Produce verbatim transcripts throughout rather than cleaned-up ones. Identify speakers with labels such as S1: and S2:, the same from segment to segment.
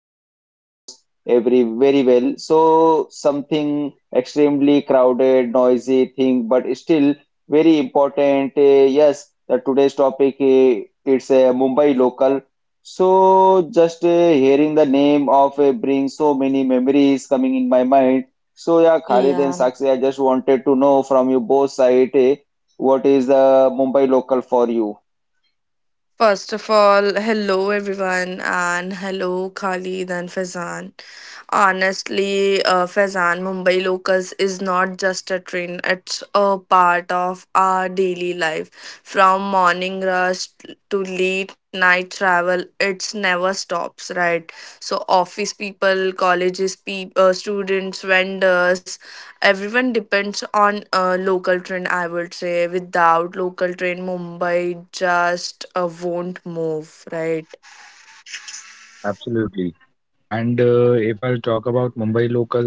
S1: Mumbaikar knows every very well. So something extremely crowded, noisy thing but still very important. Uh, yes, the today's topic uh, it's a Mumbai local. So just uh, hearing the name of uh, brings so many memories coming in my mind so yeah, Khalid and
S2: Yeah.
S1: Sakshi, I just wanted to know from you both side, eh, what is the Mumbai local for you?
S2: First of all, hello everyone, and hello Khalid and Faizan. Honestly, uh, Faizan, Mumbai locals is not just a train, it's a part of our daily life. From morning rush to late night travel, it's never stops, right? So, office people, colleges, people, uh, students, vendors, everyone depends on a local train. I would say without local train mumbai just uh, won't move, right?
S3: Absolutely. And uh, if I'll talk about Mumbai local,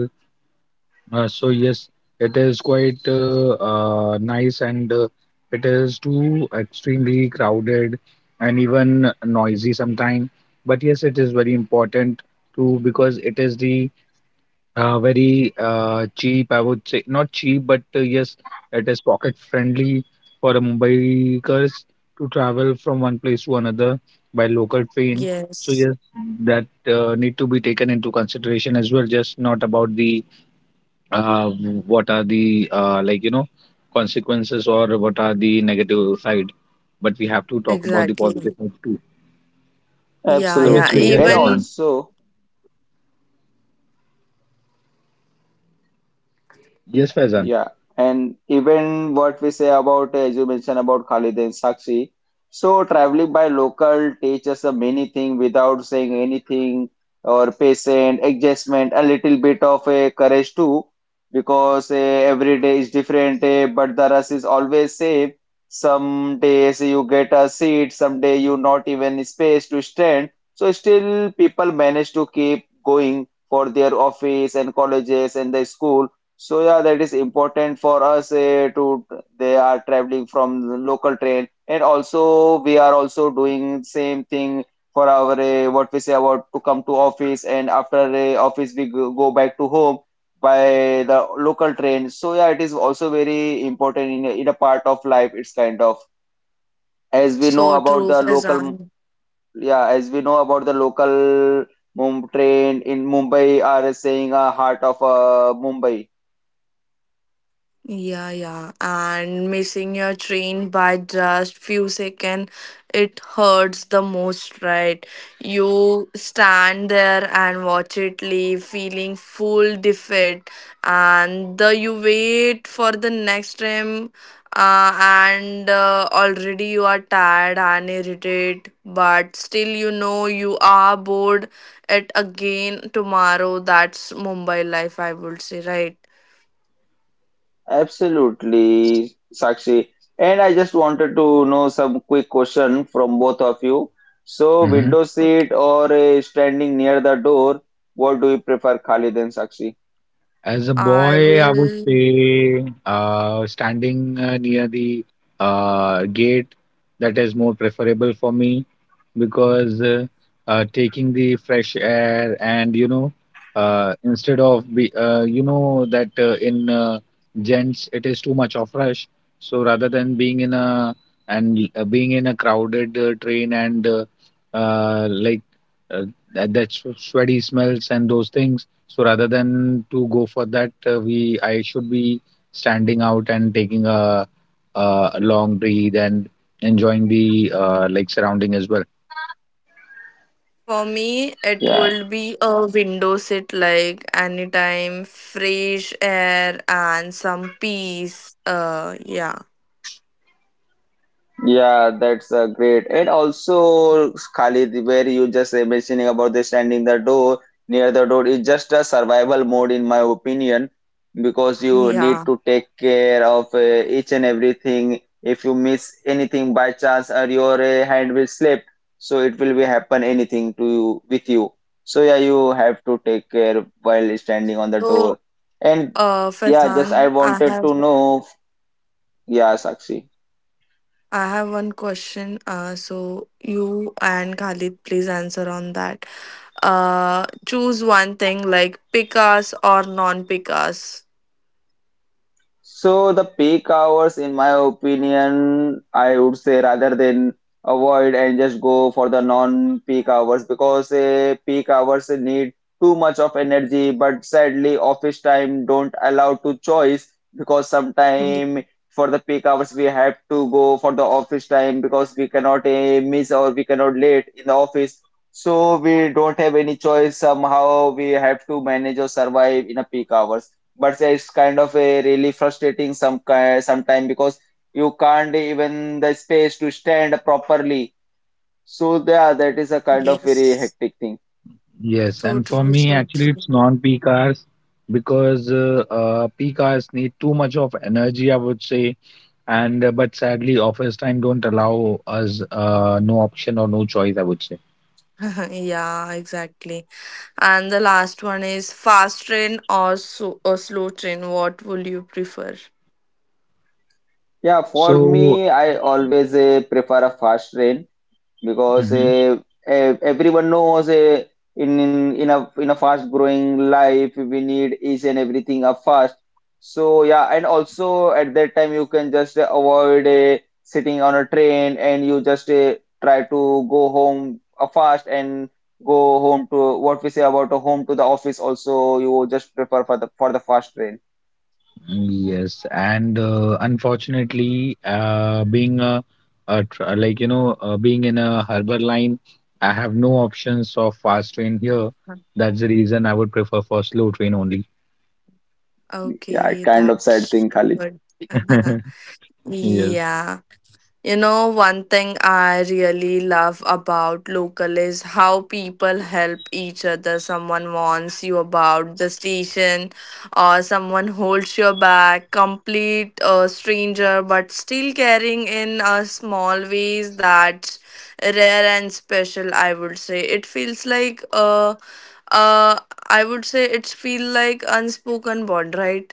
S3: uh, so yes, it is quite uh, uh, nice and uh, it is too extremely crowded and even noisy sometimes. But yes, it is very important too because it is the uh, very uh, cheap, I would say. Not cheap, but uh, yes, it is pocket friendly for the Mumbaikars to travel from one place to another by local train. So
S2: Yes,
S3: yes, that uh, need to be taken into consideration as well. Just not about the uh, what are the uh, like you know consequences, or what are the negative side, but we have to talk about the
S2: exactly,
S3: positive side too.
S2: yeah
S3: So let's
S2: yeah
S1: Absolutely.
S3: begin,
S1: And
S3: Faizan.
S2: even
S1: also,
S3: Yes, Faizan.
S1: yeah, and even what we say about, as you mentioned about Khalid and Sakshi, so traveling by local teaches us many things without saying anything, or patient, adjustment, a little bit of a courage too, because eh, every day is different, eh, but the rush is always same. Some days you get a seat, some day you not even space to stand. So still people manage to keep going for their office and colleges and the school so yeah, that is important for us eh, to they are traveling from the local train and also we are also doing same thing for our eh, what we say about to come to office and after eh, office we go go back to home by the local train. So yeah, it is also very important in a- in a part of life. It's kind of as we
S2: so
S1: know
S2: true,
S1: about the local
S2: Faizan.
S1: yeah as we know about the local Mum train in Mumbai are saying a heart of uh, Mumbai.
S2: Yeah, yeah. And missing your train by just few seconds, it hurts the most, right? You stand there and watch it leave, feeling full defeat, and the you wait for the next train, uh, and uh, already you are tired and irritated, but still you know you are bored. It again tomorrow. That's Mumbai life, I would say, right?
S1: Absolutely, Sakshi. And I just wanted to know some quick question from both of you. So, window seat
S2: Okay.
S1: or uh, standing near the door, what do you prefer, Khalid and Sakshi?
S3: As a
S2: I
S3: boy, I would
S2: will,
S3: say, uh, standing uh, near the uh, gate, that is more preferable for me because uh, uh, taking the fresh air, and you know uh, instead of be uh, you know that uh, in uh, gents, it is too much of rush. So rather than being in a and uh, being in a crowded uh, train and uh, uh, like uh, that, that sw- sweaty smells and those things, so rather than to go for that, uh, we I should be standing out and taking a, a long breathe and enjoying the uh, like surrounding as well.
S2: for me, it
S1: Yeah.
S2: would be a window sit like anytime, fresh air and some peace. Uh, yeah,
S1: Yeah, that's uh, great. And also, Khalid, where you just uh, mentioning about the standing the door near the door is just a survival mode, in my opinion, because you need
S2: yeah.
S1: to take care of uh, each and everything. If you miss anything by chance, or your uh, hand will slip, so it will be happen anything to you with you. So yeah, you have to take care while standing on the
S2: So,
S1: door. And
S2: uh,
S1: yeah, just I
S2: Faizan, I
S1: wanted
S2: have
S1: to know. Yeah, Sakshi.
S2: I have one question. Uh, so you and Khalid, please answer on that. Uh, choose one thing like pick us or non-pick us.
S1: So the peak hours, in my opinion, I would say rather than avoid and just go for the non-peak hours because uh, peak hours need too much of energy, but sadly office time don't allow to choice because
S2: Yeah.
S1: sometime for the peak hours we have to go for the office time because we cannot uh, miss or we cannot late in the office. So we don't have any choice. Somehow we have to manage or survive in a peak hours but it's kind of a really frustrating some ki- sometime because you can't even the space to stand properly. So yeah, that is a kind of very
S2: Yes.
S1: hectic thing.
S2: So true. So true. Yeah. Exactly. And the last one is fast train or, so, or slow train. What would you prefer?
S1: Yeah, for me, I always uh, prefer a fast train because uh, eh, everyone knows uh, in, in in a in a fast growing life we need each and everything up fast so yeah and also at that time you can just uh, avoid uh, sitting on a train and you just uh, try to go home uh, fast and go home to what we say about a home to the office also you just prefer for the for the fast train yeah
S2: Okay,
S1: kind of sad
S2: that's
S1: thing Khalid.
S2: good. Yeah. You know, one thing I really love about local is how people help each other. Someone warns you about the station, or someone holds your bag, complete a stranger, but still caring in a small ways that's rare and special. I would say it feels like uh, uh, I would say it feel like unspoken bond, right?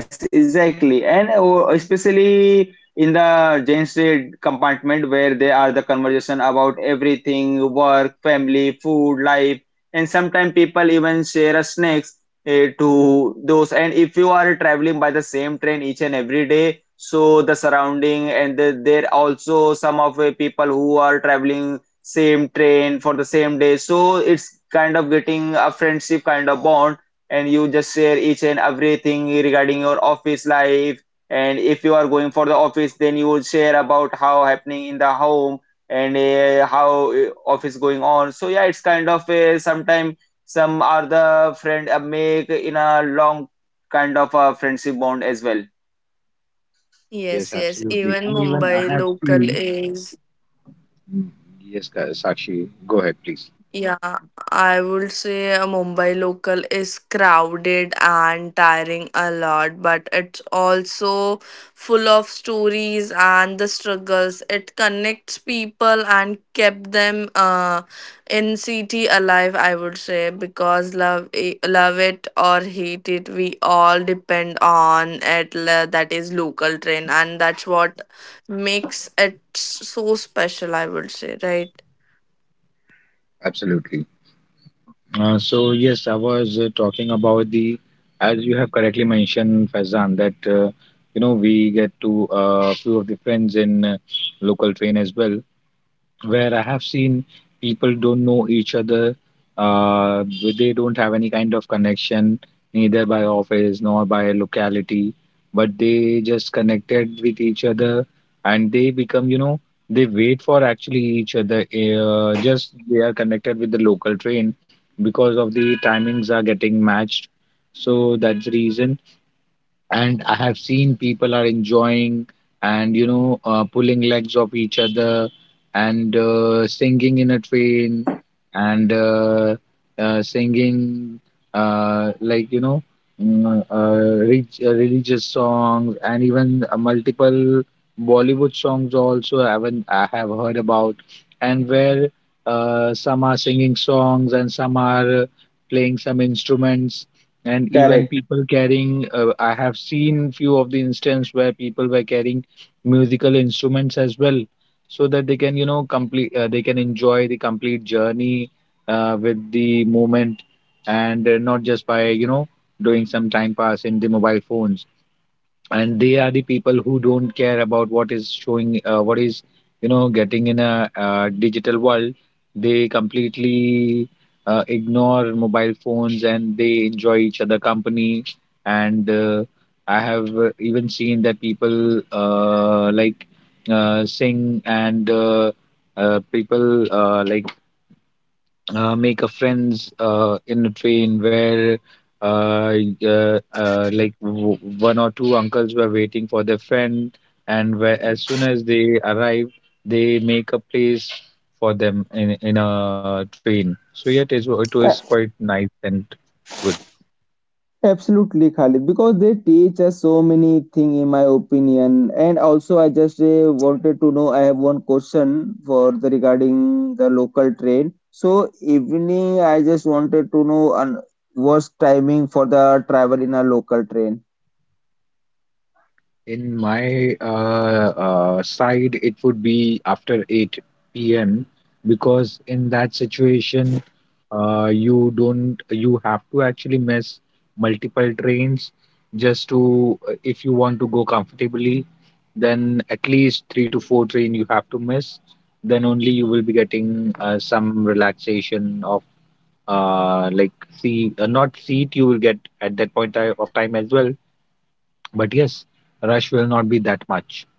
S1: Yes, exactly. And uh, especially in the Jane Street compartment where they are the conversation about everything, work, family, food, life, and sometimes people even share a snacks uh, to those. And if you are traveling by the same train each and every day, so the surrounding and the, there also some of the people who are traveling same train for the same day. So it's kind of getting a friendship kind of bond and you just share each and everything regarding your office life and if you are going for the office then you would share about how happening in the home and uh, how uh, office going on so yeah it's kind of a sometime some are the friend uh, make in a long kind of a friendship bond as well.
S2: Yes,
S3: Yes,
S2: yes.
S3: absolutely.
S2: Even
S3: And even I
S2: Mumbai
S3: have
S2: local
S3: seen.
S2: is,
S3: Yes, Ka- Sakshi, go ahead, please.
S2: yeah, I would say a Mumbai local is crowded and tiring a lot, but it's also full of stories and the struggles. It connects people and kept them uh, in city alive, I would say, because love i- love it or hate it, we all depend on it. la- That is local train, and that's what makes it so special, I would say, right?
S3: Absolutely. Uh, so, yes, I was uh, talking about the, as you have correctly mentioned, Faizan, that, uh, you know, we get to a uh, few of the friends in uh, local train as well, where I have seen people don't know each other, uh, they don't have any kind of connection, neither by office nor by locality, but they just connected with each other and they become, you know, they wait for actually each other. Eh, Uh, just they are connected with the local train because of the timings are getting matched. So that's the reason. And I have seen people are enjoying and you know uh, pulling legs of each other and uh, singing in a train and uh, uh, singing uh, like you know mm, uh, rich, uh, religious songs, and even uh, multiple Bollywood songs also I haven't I have heard about. And where uh, some are singing songs, and some are uh, playing some instruments, and even
S1: Correct.
S3: people carrying uh, I have seen few of the instances where people were carrying musical instruments as well, so that they can you know complete uh, they can enjoy the complete journey uh, with the moment. And uh, not just by you know doing some time pass in the mobile phones, and they are the people who don't care about what is showing, uh, what is you know getting in a uh, digital world. They completely uh, ignore mobile phones and they enjoy each other company. And uh, I have uh, even seen that people uh, like uh, sing and uh, uh, people uh, like uh, make a friends uh, in a train, where uh, y- uh, uh, like w- one or two uncles were waiting for their friend, and where as soon as they arrive, they make a place for them in, in a train. So yet it, is it was quite nice and good.
S1: Absolutely, Khalid, because they teach us so many thing in my opinion. And also, I just uh, wanted to know. I have one question for the regarding the local train. So evening, I just wanted to know an worst timing for the travel in a local train.
S3: In my uh, uh, side, it would be after eight p m because in that situation, uh, you don't you have to actually miss multiple trains just to uh, if you want to go comfortably, then at least three to four train you have to miss. Then only you will be getting uh, some relaxation of uh, like see uh, not seat you will get at that point ti- of time as well. But yes, rush will not be that much.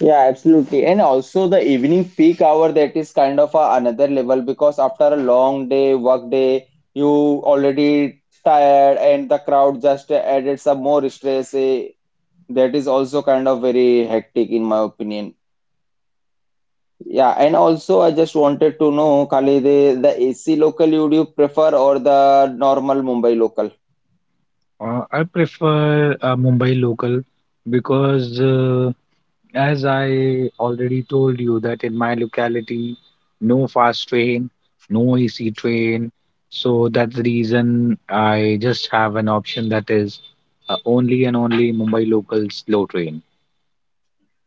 S1: Yeah, absolutely. And also the evening peak hour that is kind of a another level because after a long day, work day, you already tired and the crowd just added some more stress. eh, That is also kind of very hectic in my opinion. Yeah, and also I just wanted to know, Khalid, the, the A C local you do prefer or the normal Mumbai local?
S3: Uh, I prefer a Mumbai local because, uh, as I already told you, that in my locality, no fast train, no A C train. So that's the reason I just have an option that is uh, only and only Mumbai local slow train.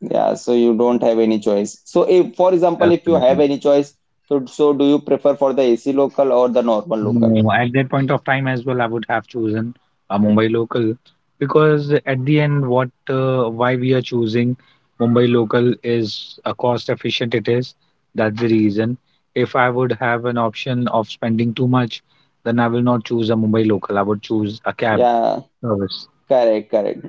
S1: Yeah, so you don't have any choice. So if, for example, if you have
S3: Absolutely.
S1: any choice, so so do you prefer for the A C local or the normal local?
S3: No, at that point of time as well, I would have chosen a Mumbai local because at the end, what uh, why we are choosing Mumbai local is a cost efficient it is. That's the reason. If I would have an option of spending too much, then I will not choose a Mumbai local. I would choose a cab
S1: Yeah,
S3: service.
S1: correct, correct.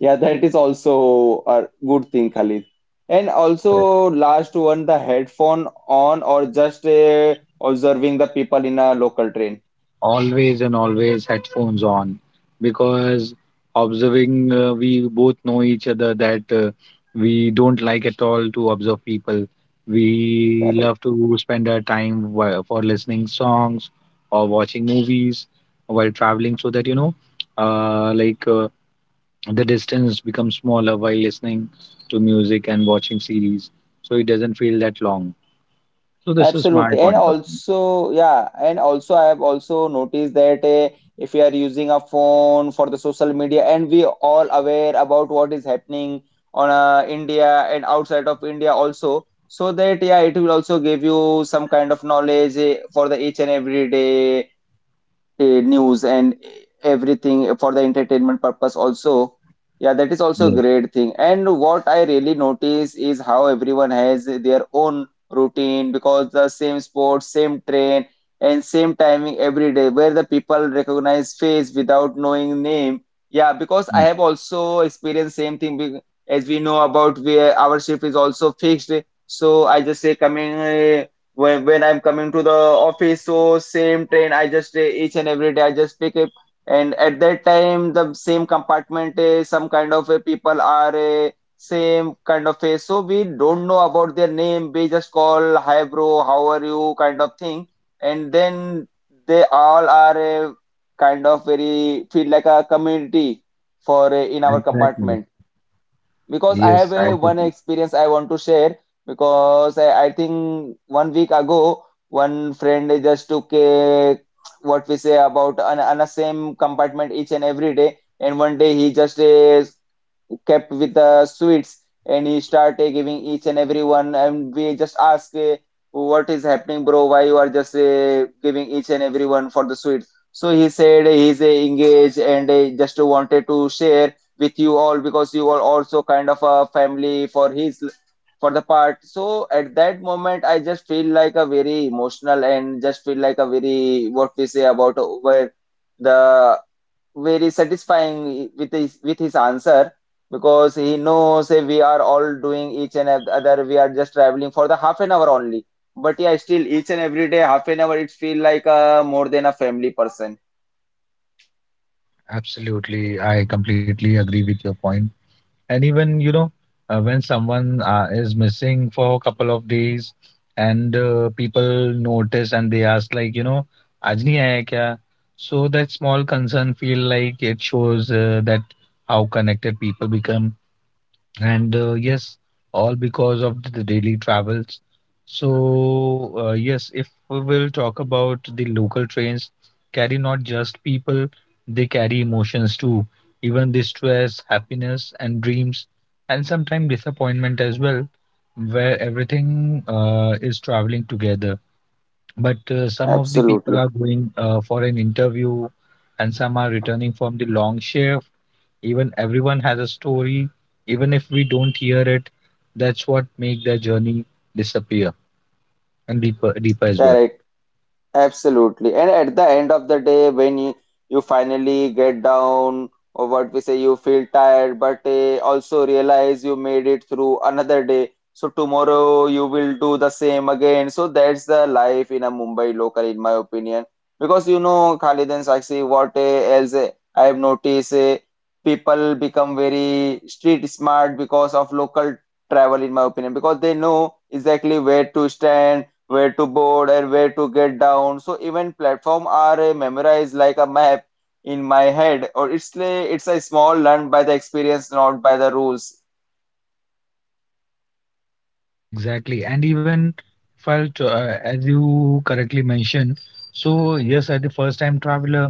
S1: Yeah, that is also a good thing, Khalid. And also last one, the headphone on or just uh, observing the people in a local train.
S3: Always and always headphones on, because observing uh, we both know each other that uh, we don't like at all to observe people. We
S1: Correct.
S3: love to spend our time whi- for listening songs or watching movies while traveling, so that you know uh, like uh, the distance becomes smaller while listening to music and watching series, so it doesn't feel that long. So this is my
S1: Absolutely. And
S3: point of view.
S1: also, yeah, and also I have also noticed that uh, if we are using a phone for the social media and we all aware about what is happening on uh, India and outside of India also, so that yeah, it will also give you some kind of knowledge eh, for the each and every day eh, news and everything for the entertainment purpose also yeah that is also a
S3: Yes.
S1: great thing and what I really notice is how everyone has their own routine because the same sport same train and same timing every day where the people recognize face without knowing name yeah because I
S3: mm,
S1: have also experienced same thing be- as we know about where our shift is also fixed so I just say coming uh, when when I'm coming to the office, so same train I just uh, each and every day I just pick up, and at that time the same compartment is some kind of uh, people are uh, same kind of face, so we don't know about their name. We just call hi bro, how are you kind of thing, and then they all are uh, kind of very feel like a community for uh, in our
S3: exactly.
S1: compartment. Because I
S3: Yes,
S1: have
S3: I
S1: a
S3: do.
S1: one experience I want to share because I, I think one week ago one friend just took a what we say about an, an a same compartment each and every day and one day he just uh, kept with the sweets and he started giving each and everyone and we just asked, eh, what is happening bro why you are just eh, giving each and everyone for the sweets so he said he's eh, engaged and eh, just wanted to share with you all because you are also kind of a family for his for the part so at that moment I just feel like a very emotional and just feel like a very what we say about where the very satisfying with his with his answer because he knows eh, we are all doing each and ev- other we are just traveling for the half an hour only but yeah still each and every day half an hour it feel like uh, more than a family person
S3: Absolutely, I completely agree with your point. And even, you know, uh, when someone uh, is missing for a couple of days and uh, people notice and they ask, like, you know, आज नहीं आया क्या? So that small concern feel like it shows uh, that how connected people become. And uh, yes, all because of the daily travels. So, uh, yes, if we will talk about the local trains, carry not just people, they carry emotions too, even the stress, happiness, and dreams, and sometimes disappointment as well, where everything uh, is traveling together. But uh, some of the people
S1: absolutely
S3: are going uh, for an interview, and some are returning from the long shift. Even everyone has a story, even if we don't hear it. That's what make their journey disappear and deeper deeper as well.
S1: correct. Absolutely. And at the end of the day, when you, you finally get down, or what we say, you feel tired, but uh, also realize you made it through another day. So tomorrow you will do the same again. So that's the life in a Mumbai local, in my opinion. Because you know, Khalid and Sakshi, what eh, else eh, I have noticed, eh, people become very street smart because of local travel, in my opinion, because they know exactly where to stand where to board and where to get down. So even platform are uh, memorized like a map in my head, or it's a, it's a small learned by the experience, not by the rules.
S3: Exactly. And even if I'll, t- uh, as you correctly mentioned, so yes, at the first time traveler,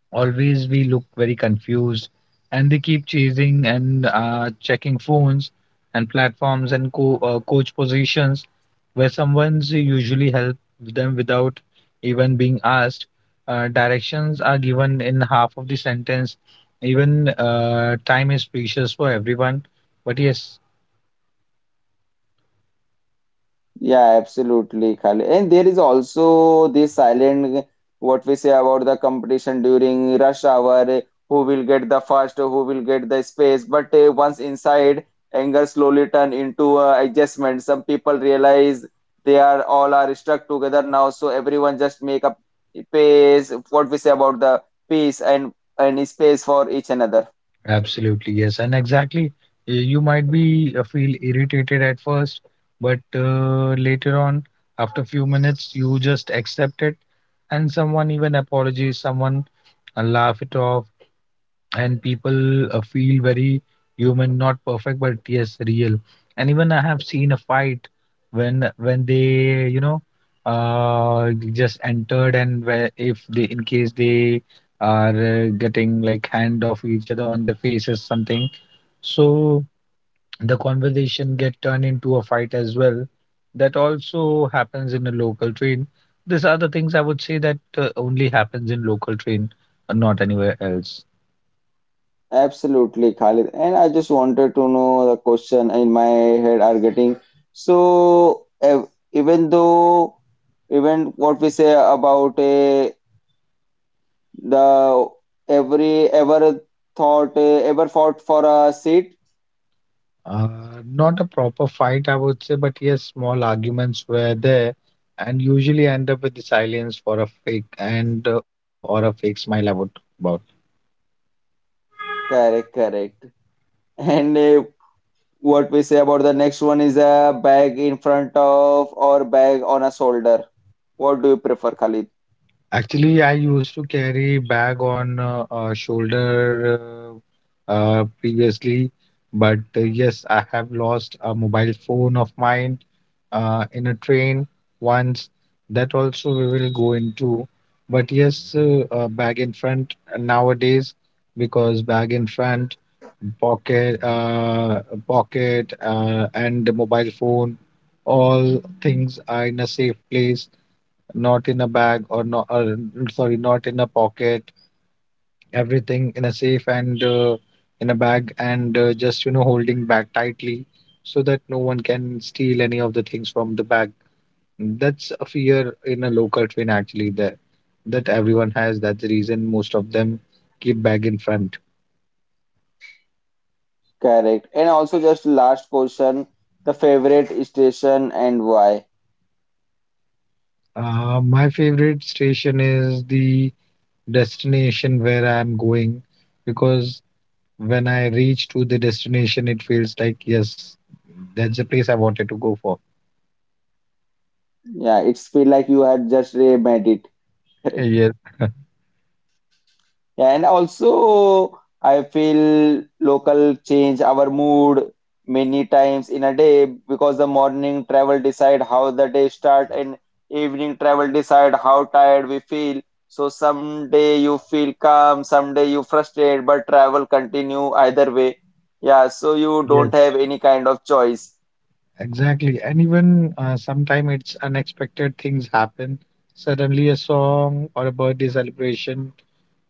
S3: always we look very confused and they keep chasing and uh, checking phones and platforms and co- uh, coach positions, where someone's usually help them without even being asked. Uh, directions are given in half of the sentence, even uh, time is precious for everyone. But yes.
S1: Yeah, absolutely, Khalid. And there is also this silent what we say about the competition during rush hour, who will get the first, who will get the space. But uh, once inside, anger slowly turn into uh, adjustment. Some people realize they are all are stuck together now, so everyone just make a pace. What we say about the peace and and space for each another.
S3: Absolutely, yes, and exactly. uh, You might be uh, feel irritated at first, but uh, later on, after few minutes, you just accept it, and someone even apologies, someone uh, laugh it off, and people uh, feel very human, not perfect, but yes, real. And even I have seen a fight when when they you know uh just entered, and where if they in case they are uh, getting like hand off each other on the face or something, so the conversation get turned into a fight as well. That also happens in a local train. These are the things I would say that uh, only happens in local train and not anywhere else.
S1: Absolutely, Khalid. And I just wanted to know the question in my head are getting. So, ev even though, even what we say about uh, the every ever thought, uh, ever fought for a seat,
S3: Uh, Not a proper fight, I would say, but yes, small arguments were there, and usually end up with the silence for a fake and uh, or, or a fake smile, I would talk about.
S1: correct, correct. And uh, what we say about the next one is a bag in front of or bag on a shoulder. What do you prefer, Khalid?
S3: Actually, I used to carry bag on uh, uh, shoulder uh, uh, previously, but uh, yes, I have lost a mobile phone of mine uh, in a train once. That also we will go into. But yes, uh, uh, bag in front nowadays, because bag in front, pocket, uh, pocket, uh, and the mobile phone, all things are in a safe place, not in a bag or not or, sorry, not in a pocket. Everything in a safe and uh, in a bag, and uh, just you know holding back tightly so that no one can steal any of the things from the bag. That's a fear in a local train actually there, that everyone has. That's the reason most of them keep bag in front.
S1: Correct. And also, just last question, the favorite station and why?
S3: Uh, my favorite station is the destination where I'm going, because when I reach to the destination, it feels like, yes, that's the place I wanted to go for.
S1: Yeah, it's feel like you had just uh, made it. Correct.
S3: Yes.
S1: Yeah, and also, I feel local change our mood many times in a day because the morning travel decide how the day start and evening travel decide how tired we feel. So someday you feel calm, someday you frustrated, but travel continue either way. Yeah, so you
S3: Yes,
S1: don't have any kind of choice.
S3: exactly. And even uh, sometimes it's unexpected things happen. Suddenly, a song or a birthday celebration,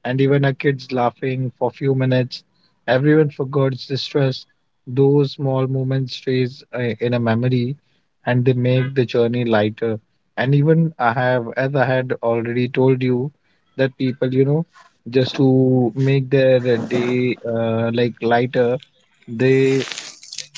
S3: and even our kid's laughing for few minutes. Everyone forgot the stress. Those small moments stays uh, in a memory, and they make the journey lighter. And even I have, as I had already told you, that people, you know, just to make their day uh, like lighter, they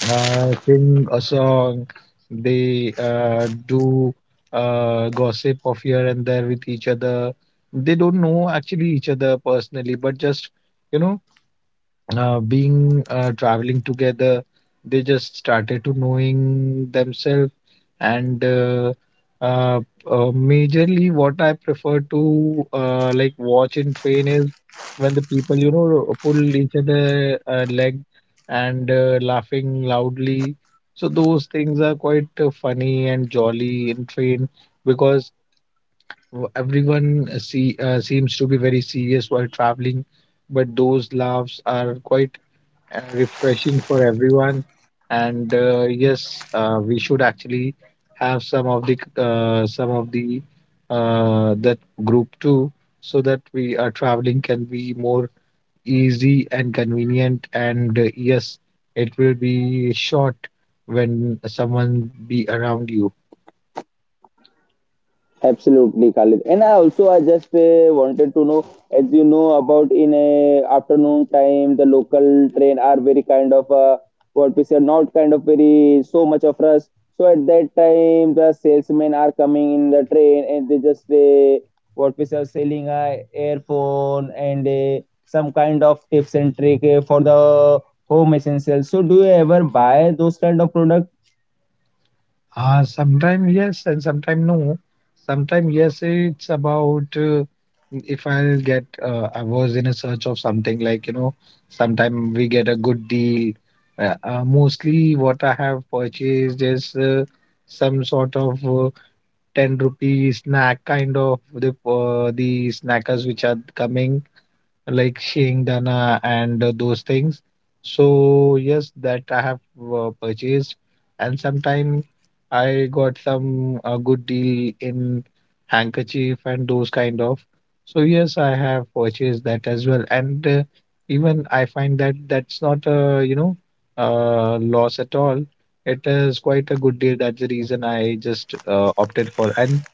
S3: uh, sing a song. They uh, do uh, gossip of here and there with each other. They don't know actually each other personally, but just you know, uh, being uh, traveling together, they just started to knowing themselves and uh, uh, uh, majorly what I prefer to uh, like watch in train is when the people you know pull each other uh, leg and uh, laughing loudly. So those things are quite uh, funny and jolly in train, because w- everyone uh, see uh, seems to be very serious while traveling, but those laughs are quite uh, refreshing for everyone. And uh, yes, uh, we should actually have some of the uh, some of the uh, that group too, so that we are traveling can be more easy and convenient. And uh, yes, it will be short when someone be around you.
S1: Absolutely, Khalid. And I also I just uh, wanted to know, as you know about in a afternoon time, the local train are very kind of uh, what we say, not kind of very so much of rush. So at that time, the salesmen are coming in the train and they just say what we say, selling a earphone and uh, some kind of tips and trick uh, for the home essentials. So do you ever buy those kind of product?
S3: Uh, sometimes yes, and sometimes no. Sometimes yes, it's about uh, if I'll get. Uh, I was in a search of something like you know. Sometimes we get a good deal. Uh, uh, mostly, what I have purchased is uh, some sort of uh, ten rupee snack kind of the uh, the snackers which are coming like shingdana and uh, those things. So yes, that I have uh, purchased, and sometime I got some uh, good deal in handkerchief and those kind of. So yes, I have purchased that as well, and uh, even I find that that's not a you know uh, loss at all. It is quite a good deal. That's the reason I just uh, opted for. And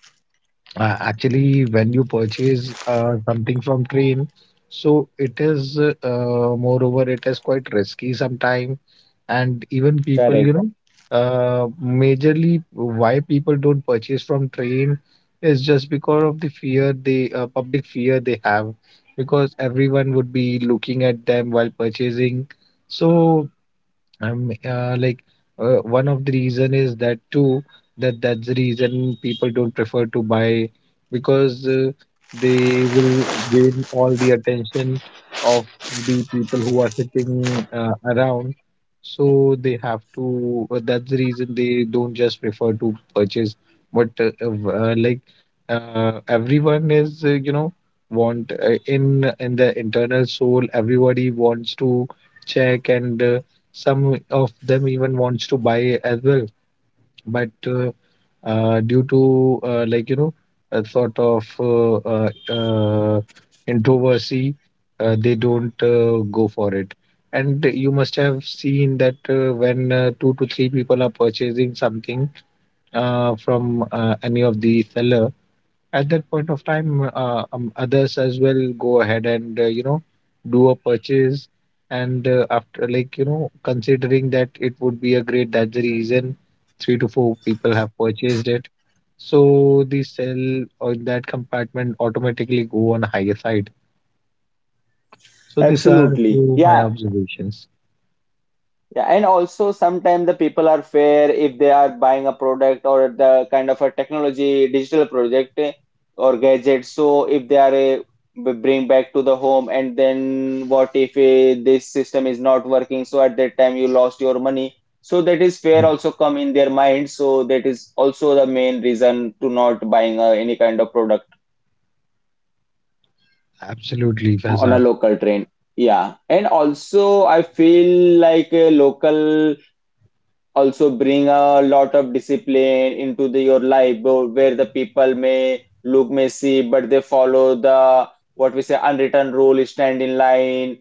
S3: uh, actually when you purchase uh, something from train, so it is uh, uh, moreover it is quite risky sometime, and even people
S1: Correct.
S3: you know uh, Majorly why people don't purchase from train is just because of the fear they uh, public fear they have, because everyone would be looking at them while purchasing. So I'm, uh, like, uh, one of the reason is that too, that that's the reason people don't prefer to buy because uh, they will gain all the attention of the people who are sitting uh, around. So they have to. Uh, that's the reason they don't just prefer to purchase. But uh, uh, like uh, everyone is uh, you know want, uh, in in the internal soul. Everybody wants to check and. Uh, some of them even wants to buy as well, but uh, uh, due to, uh, like you know a sort of uh, uh, uh, introversy, uh, they don't uh, go for it. And you must have seen that uh, when uh, two to three people are purchasing something uh, from uh, any of the seller at that point of time, uh, um, others as well go ahead and uh, you know do a purchase, and uh, after like you know considering that it would be a great, that's the reason three to four people have purchased it, so the sell or that compartment automatically go on higher side. So these are
S1: Absolutely.
S3: few my
S1: Yeah,
S3: observations.
S1: yeah, and also sometimes the people are fair if they are buying a product or the kind of a technology digital project eh, or gadget. So if they are eh, b bring back to the home and then what if eh, this system is not working? So at that time you lost your money. So that is fair
S3: Mm.
S1: also come in their mind. So that is also the main reason to not buying uh, any kind of product
S3: Absolutely,
S1: on a
S3: Fazan.
S1: local train. Yeah, and also I feel like a local also bring a lot of discipline into the, your life wh- where the people may look messy but they follow the what we say unwritten rule, stand in line,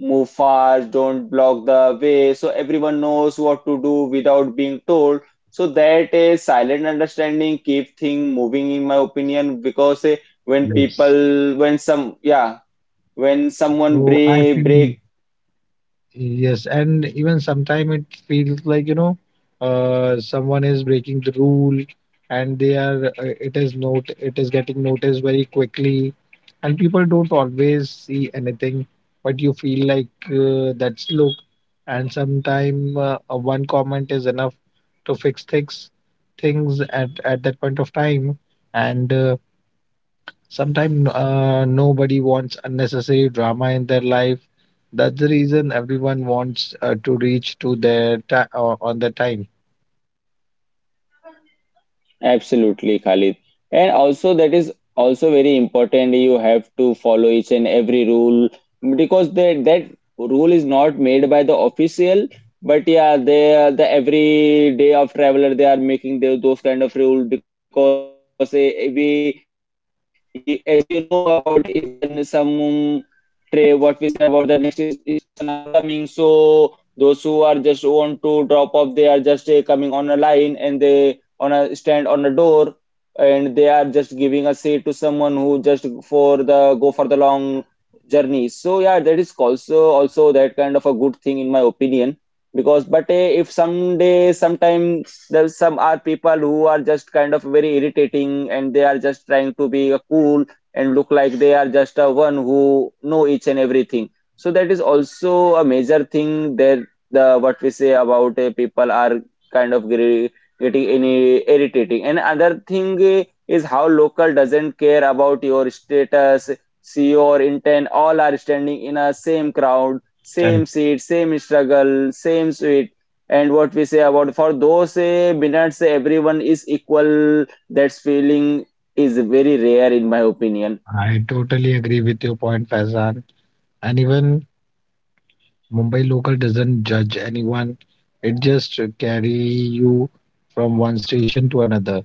S1: move fast, don't block the way, so everyone knows what to do without being told. So that a silent understanding keep thing moving, in my opinion, because eh, when
S3: Yes.
S1: people when some yeah, when someone
S3: So I
S1: break
S3: feel.
S1: break
S3: Yes, and even sometimes it feels like, you know, uh, someone is breaking the rule, and they are, uh, it is not, it is getting noticed very quickly. And people don't always see anything, but you feel like uh, that's look. And sometimes, uh, uh, one comment is enough to fix things, things at, at that point of time. And uh, sometimes, uh, nobody wants unnecessary drama in their life. That's the reason everyone wants uh, to reach to their ti- uh, on their time.
S1: Absolutely, Khalid. And also, that is also very important. You have to follow each and every rule because that that rule is not made by the official. But yeah, they are the every day of traveler, they are making the, those kind of rule because eh, eh, we eh, as you know about, if then some tray what we say about the next is- station are coming, so those who are just want to drop off they are just eh, coming on a line and they on a stand on a door and they are just giving a seat to someone who just for the go for the long journey. So yeah, that is also also that kind of a good thing in my opinion. Because but eh, if someday sometime there some are people who are just kind of very irritating and they are just trying to be a cool and look like they are just a one who know each and everything. So that is also a major thing there, the what we say about eh, people are kind of getting any irritating. And other thing eh, is how local doesn't care about your status, C E O or intent. All are standing in a same crowd, same
S3: Correct.
S1: seat, same struggle, same suite. And what we say about for those eh, minutes, eh, everyone is equal. That feeling is very rare in my opinion.
S3: I totally agree with your point, Faizan. And even Mumbai local doesn't judge anyone. It just carry you from one station to another.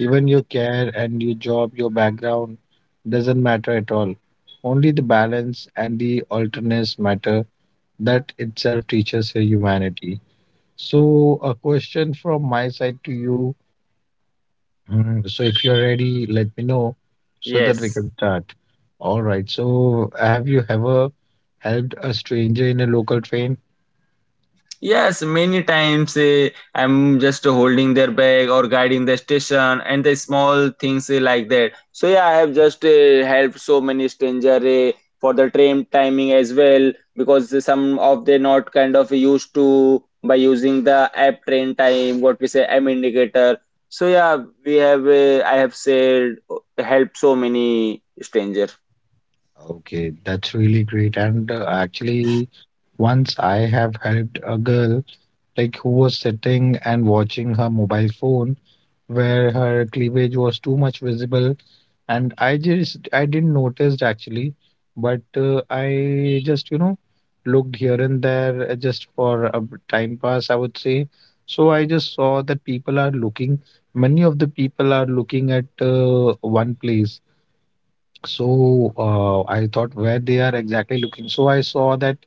S3: Even your care and your job, your background doesn't matter at all. Only the balance and the alternates matter. That itself teaches a humanity. So, a question from my side to you. Mm, So, if you're ready, let me know so that we
S1: Yes.
S3: can start. All right. So, have you ever helped a stranger in a local train?
S1: Yes, many times eh, I'm just holding their bag or guiding the station and the small things eh, like that. So yeah, I have just eh, helped so many stranger eh, for the train timing as well because some of they not kind of used to by using the app train time, what we say, M indicator. So yeah, we have eh, I have said helped so many stranger.
S3: Okay, that's really great. And uh, actually, once I have helped a girl like who was sitting and watching her mobile phone where her cleavage was too much visible, and i just i didn't notice actually. But uh, I just you know looked here and there, uh, just for a b- time pass, I would say. So I just saw that people are looking, many of the people are looking at uh, one place. So uh, I thought where they are exactly looking. So I saw that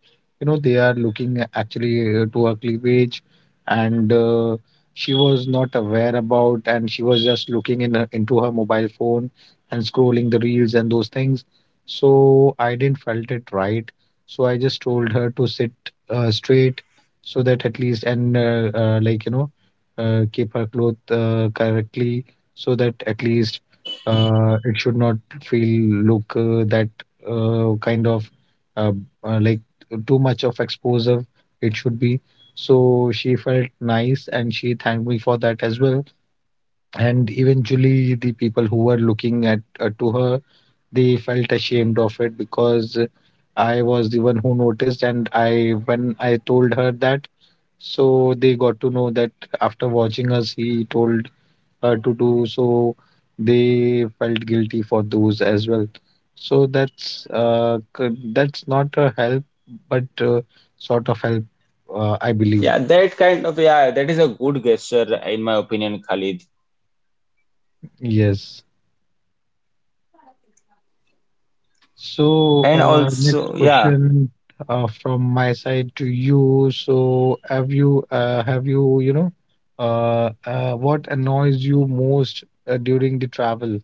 S3: you know they are looking actually uh, to her cleavage, and uh, she was not aware about, and she was just looking in her, into her mobile phone and scrolling the reels and those things. So I didn't felt it right. So I just told her to sit uh, straight, so that at least and uh, uh, like you know uh, keep her clothes uh, correctly, so that at least uh, it should not feel look uh, that uh, kind of uh, uh, like too much of exposure it should be. So she felt nice and she thanked me for that as well. And eventually, the people who were looking at uh, to her, they felt ashamed of it because I was the one who noticed. And I, when I told her that, so they got to know that after watching us, he told uh, to do so, they felt guilty for those as well. So that's uh, c- that's not a help, but uh, sort of help, uh, I believe.
S1: Yeah, that kind of, yeah, that is a good gesture in my opinion, Khalid.
S3: Yes. so
S1: And
S3: uh, next
S1: also yeah.
S3: question uh, from my side to you. So have you uh, have you you know uh, uh, what annoys you most uh, during the travel?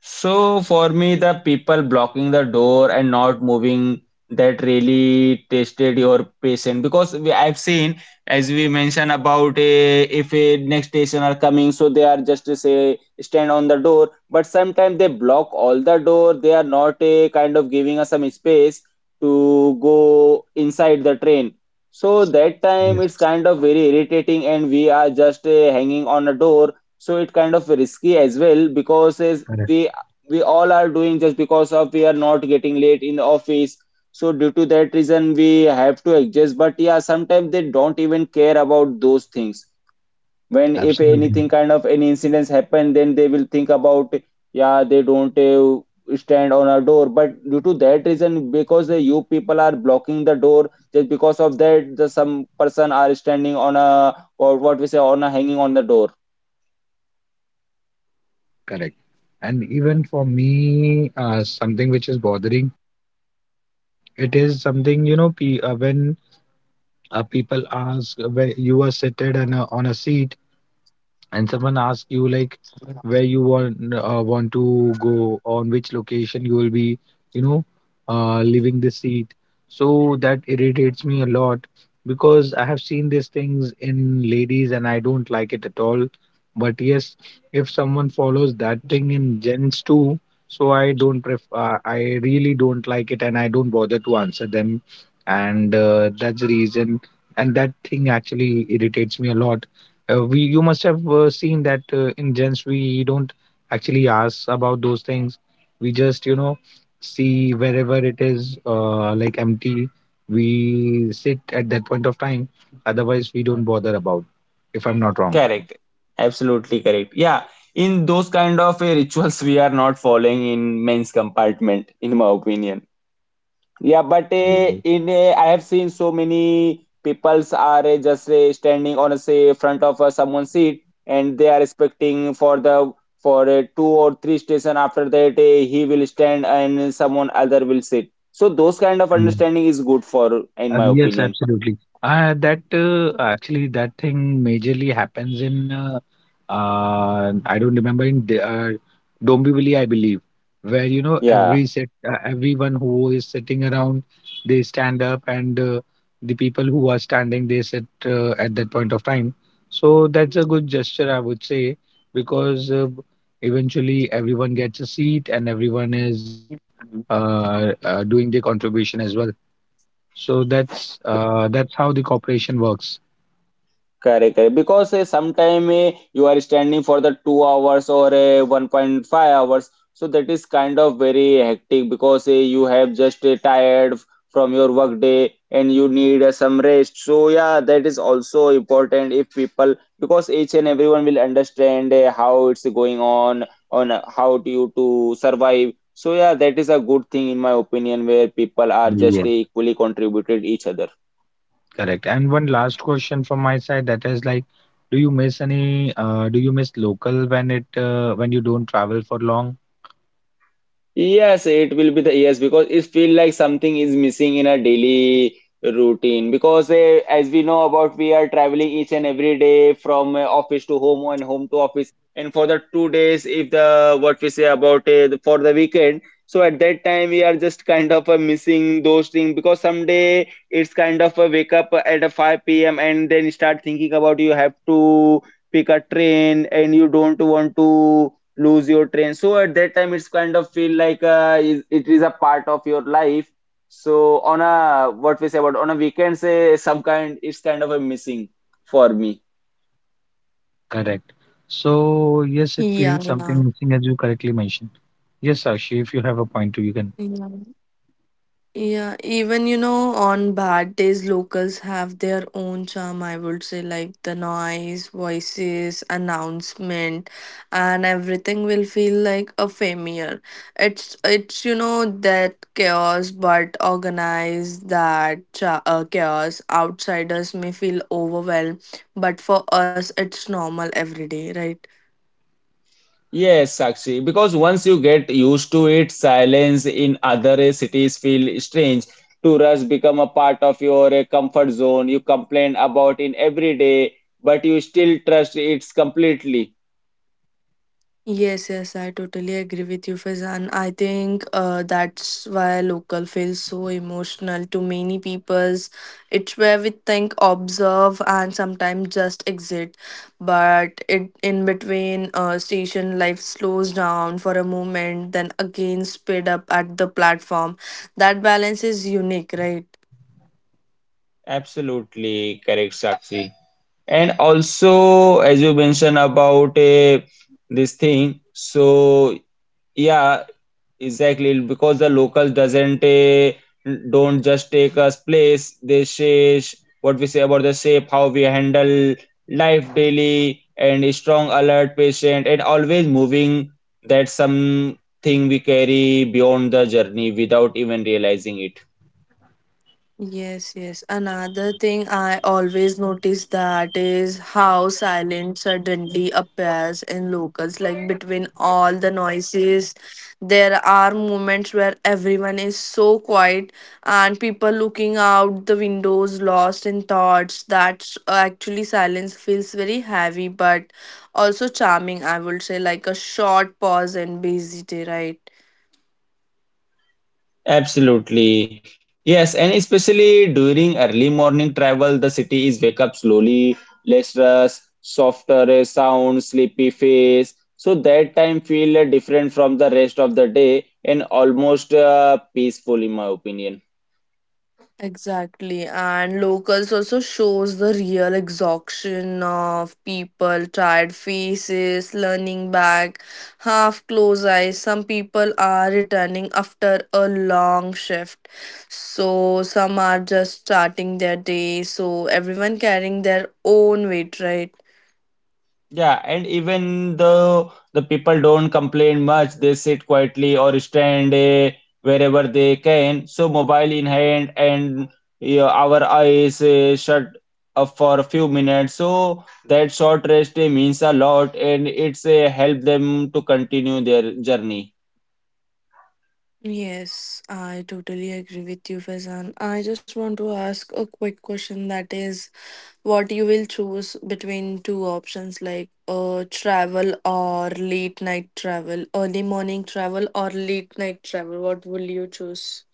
S1: So for me, the people blocking the door and not moving, that really tested your patience because we, I've seen as we mentioned about a, if a next station are coming, so they are just to say stand on the door, but sometimes they block all the door. They are not a kind of giving us some space to go inside the train. So that time
S3: Yes.
S1: it's kind of very irritating, and we are just uh, hanging on a door, so it kind of risky as well because as
S3: Correct.
S1: we we all are doing just because of we are not getting late in the office. So due to that reason we have to adjust, but yeah, sometimes they don't even care about those things. When if
S3: Absolutely.
S1: anything kind of any incidents happen, then they will think about, yeah, they don't uh, stand on a door but due to that reason because the you people are blocking the door, just because of that the some person are standing on a or what we say on a hanging on the door.
S3: Correct. And even for me, uh, something which is bothering, it is something, you know, pe- uh, when uh, people ask, uh, when you are seated on a, on a seat, and someone asks you like where you want uh, want to go, on which location you will be, you know uh, leaving the seat. So that irritates me a lot, because I have seen these things in ladies and I don't like it at all. But yes, if someone follows that thing in gents too, so i don't pref- uh, i really don't like it, and I don't bother to answer them. And uh, that's the reason, and that thing actually irritates me a lot. Uh, we You must have uh, seen that uh, in gents we don't actually ask about those things. We just you know see wherever it is uh, like empty, we sit at that point of time. Otherwise, we don't bother about. If I'm not wrong.
S1: Correct. Absolutely correct. Yeah. In those kind of uh, rituals, we are not following in men's compartment, in my opinion. Yeah, but uh,
S3: Yes.
S1: in uh, I have seen so many peoples are uh, just uh, standing on a say front of uh, someone's seat, and they are expecting for the for uh, two or three station after that uh, he will stand and someone other will sit. So those kind of understanding is good for,
S3: Uh,
S1: in my
S3: yes,
S1: opinion.
S3: absolutely. Uh, that uh, Actually that thing majorly happens in, uh, uh, I don't remember in the, uh, Dombivli, I believe, where, you know every
S1: Yeah.
S3: set uh, everyone who is sitting around, they stand up, and uh, the people who are standing they sit uh, at that point of time. So that's a good gesture, I would say, because uh, eventually everyone gets a seat and everyone is, you know uh, uh, doing their contribution as well. So that's uh, that's how the corporation works.
S1: Correct, correct. Because uh, sometime uh, you are standing for the two hours or uh, one point five hours, so that is kind of very hectic because uh, you have just uh, tired f- from your work day and you need uh, some rest. So yeah, that is also important if people because each and everyone will understand uh, how it's going on on uh, how do you to survive. So yeah, that is a good thing in my opinion where people are
S3: Yes.
S1: just equally contributed each other.
S3: Correct. And one last question from my side, that is like, do you miss any, uh, do you miss local when it, uh, when you don't travel for long?
S1: Yes, it will be the yes because it feel like something is missing in our daily routine because eh, as we know about, we are traveling each and every day from eh, office to home and home to office, and for the two days if the what we say about eh, the for the weekend. So at that time we are just kind of uh, missing those things because someday it's kind of a wake up at a five p m and then start thinking about you have to pick a train and you don't want to lose your train. So at that time it's kind of feel like uh, is- it is a part of your life. So on a what we say about on a weekend say some kind it's kind of a missing for me.
S3: Correct. So yes, it feels
S4: Yeah,
S3: something
S4: yeah,
S3: missing as you correctly mentioned. Yes, Sakshi, if you have a point too, you can.
S4: yeah, yeah. Even you know, on bad days, locals have their own charm. I would say, like the noise, voices, announcement, and everything will feel like a familiar. It's it's you know that chaos, but organized. That cha- uh, chaos, outsiders may feel overwhelmed, but for us, it's normal every day, right?
S1: Yes, Sakshi, because once you get used to it, silence in other cities feel strange. Tourists become a part of your uh, comfort zone. You complain about in every day, but you still trust it completely.
S4: Yes, yes, I totally agree with you, Faizan. I think uh, that's why local feels so emotional to many peoples. It's where we think, observe, and sometimes just exit. But it in between, uh, station life slows down for a moment, then again speed up at the platform. That balance is unique, right?
S1: Absolutely correct, Sakshi. And also, as you mentioned about uh, this thing, so yeah, exactly because the locals doesn't uh, don't just take us place. They say sh- what we say about the shape, how we handle life daily, and a strong, alert, patient, and always moving. That's something we carry beyond the journey without even realizing it.
S4: Yes, yes. Another thing I always notice that is how silence suddenly appears in locals. Like between all the noises, there are moments where everyone is so quiet and people looking out the windows lost in thoughts. That's actually silence feels very heavy but also charming, I would say, like a short pause in busy day, right?
S1: Absolutely. Yes, and especially during early morning travel, the city is wake up slowly, less rush, softer uh, sound, sleepy face. So that time feel uh, different from the rest of the day and almost uh, peaceful in my opinion.
S4: Exactly, and locals also shows the real exhaustion of people, tired faces, leaning back, half closed eyes. Some people are returning after a long shift, so some are just starting their day. So everyone carrying their own weight, right?
S1: Yeah, and even though the people don't complain much, they sit quietly or stand eh, wherever they can. So mobile in hand and yeah, our eyes eh, shut up for a few minutes. So that short rest eh, means a lot, and it's eh, help them to continue their journey.
S4: Yes, I totally agree with you, Faizan. I just want to ask a quick question that is, what you will choose between two options like uh, travel or late night travel, early morning travel or late night travel? What will you choose?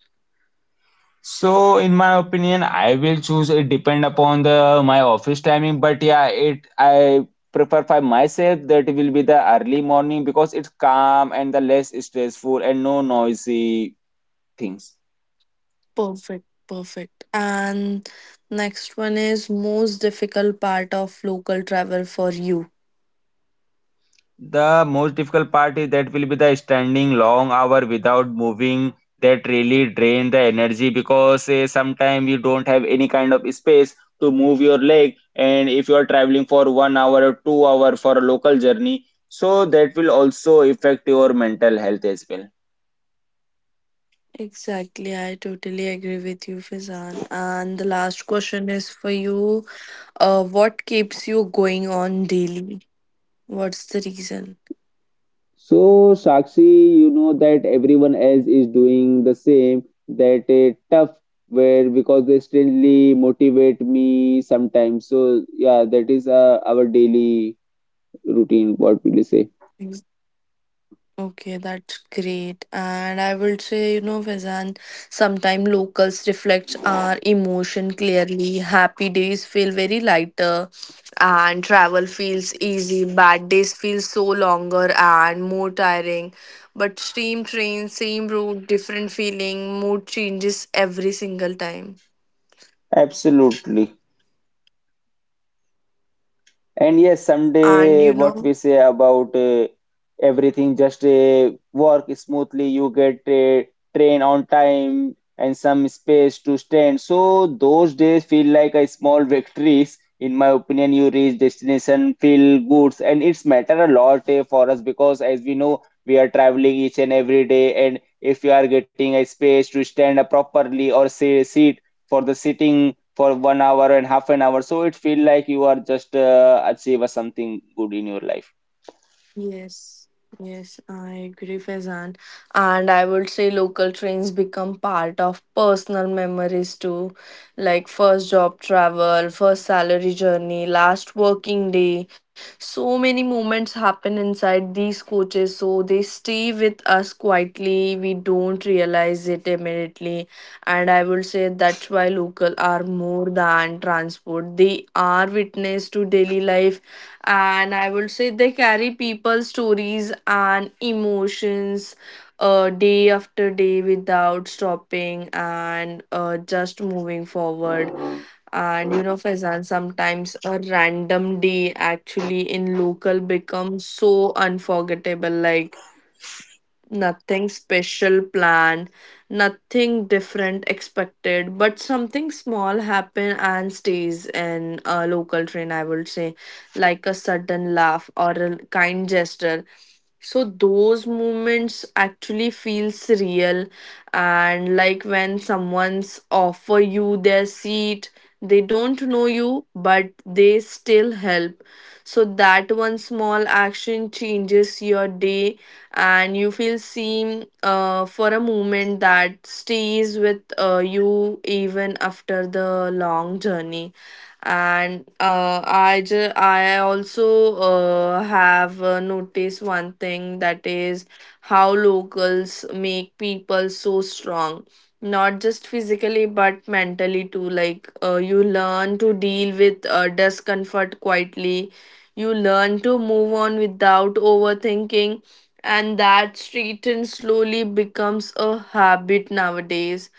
S1: So, in my opinion, I will choose it depend upon the my office timing, but yeah, it I prefer for myself that it will be the early morning because it's calm and the less stressful and no noisy things.
S4: Perfect, perfect. And next one is most difficult part of local travel for you.
S1: The most difficult part is that will be the standing long hour without moving, that really drain the energy because uh, sometimes you don't have any kind of space to move your leg, and if you are traveling for one hour or two hour for a local journey, so that will also affect your mental health as well.
S4: Exactly, I totally agree with you, Fizan. And the last question is for you. Uh, what keeps you going on daily? What's the reason?
S1: So, Sakshi, you know that everyone else is doing the same, that a tough where because they strangely motivate me sometimes. So, yeah, that is uh, our daily routine, what will you say?
S4: Okay, that's great. And I would say, you know, Faizan, sometimes locals reflects our emotion clearly. Happy days feel very lighter and travel feels easy. Bad days feel so longer and more tiring. But same train, same route, different feeling, mood changes every single time.
S1: Absolutely. And yes,
S4: And
S1: someday
S4: you
S1: what
S4: know,
S1: we say about uh, everything just uh, work smoothly, you get a train on time and some space to stand. So those days feel like a small victories. In my opinion, you reach destination, feel good, and it's matter a lot eh, for us because as we know, we are traveling each and every day, and if you are getting a space to stand up properly or say seat for the sitting for one hour and half an hour so it feel like you are just uh, achieve something good in your life.
S4: yes, yes, I agree, Faizan. And I would say local trains become part of personal memories too, like first job travel, first salary journey, last working day. So many moments happen inside these coaches, so they stay with us quietly. We don't realize it immediately. And I would say that's why local are more than transport. They are witness to daily life, and I would say they carry people's stories and emotions uh, day after day without stopping and uh, just moving forward. And you know Faizan, sometimes a random day actually in local becomes so unforgettable, like nothing special planned, nothing different expected, but something small happen and stays in a local train, I would say, like a sudden laugh or a kind gesture. So those moments actually feels real and like when someone's offer you their seat, they don't know you, but they still help. So that one small action changes your day and you feel seen uh, for a moment that stays with uh, you even after the long journey. And uh, i ju- i also uh, have uh, noticed one thing that is how locals make people so strong, not just physically but mentally too, like uh, you learn to deal with uh, discomfort quietly, you learn to move on without overthinking, and that street slowly becomes a habit nowadays.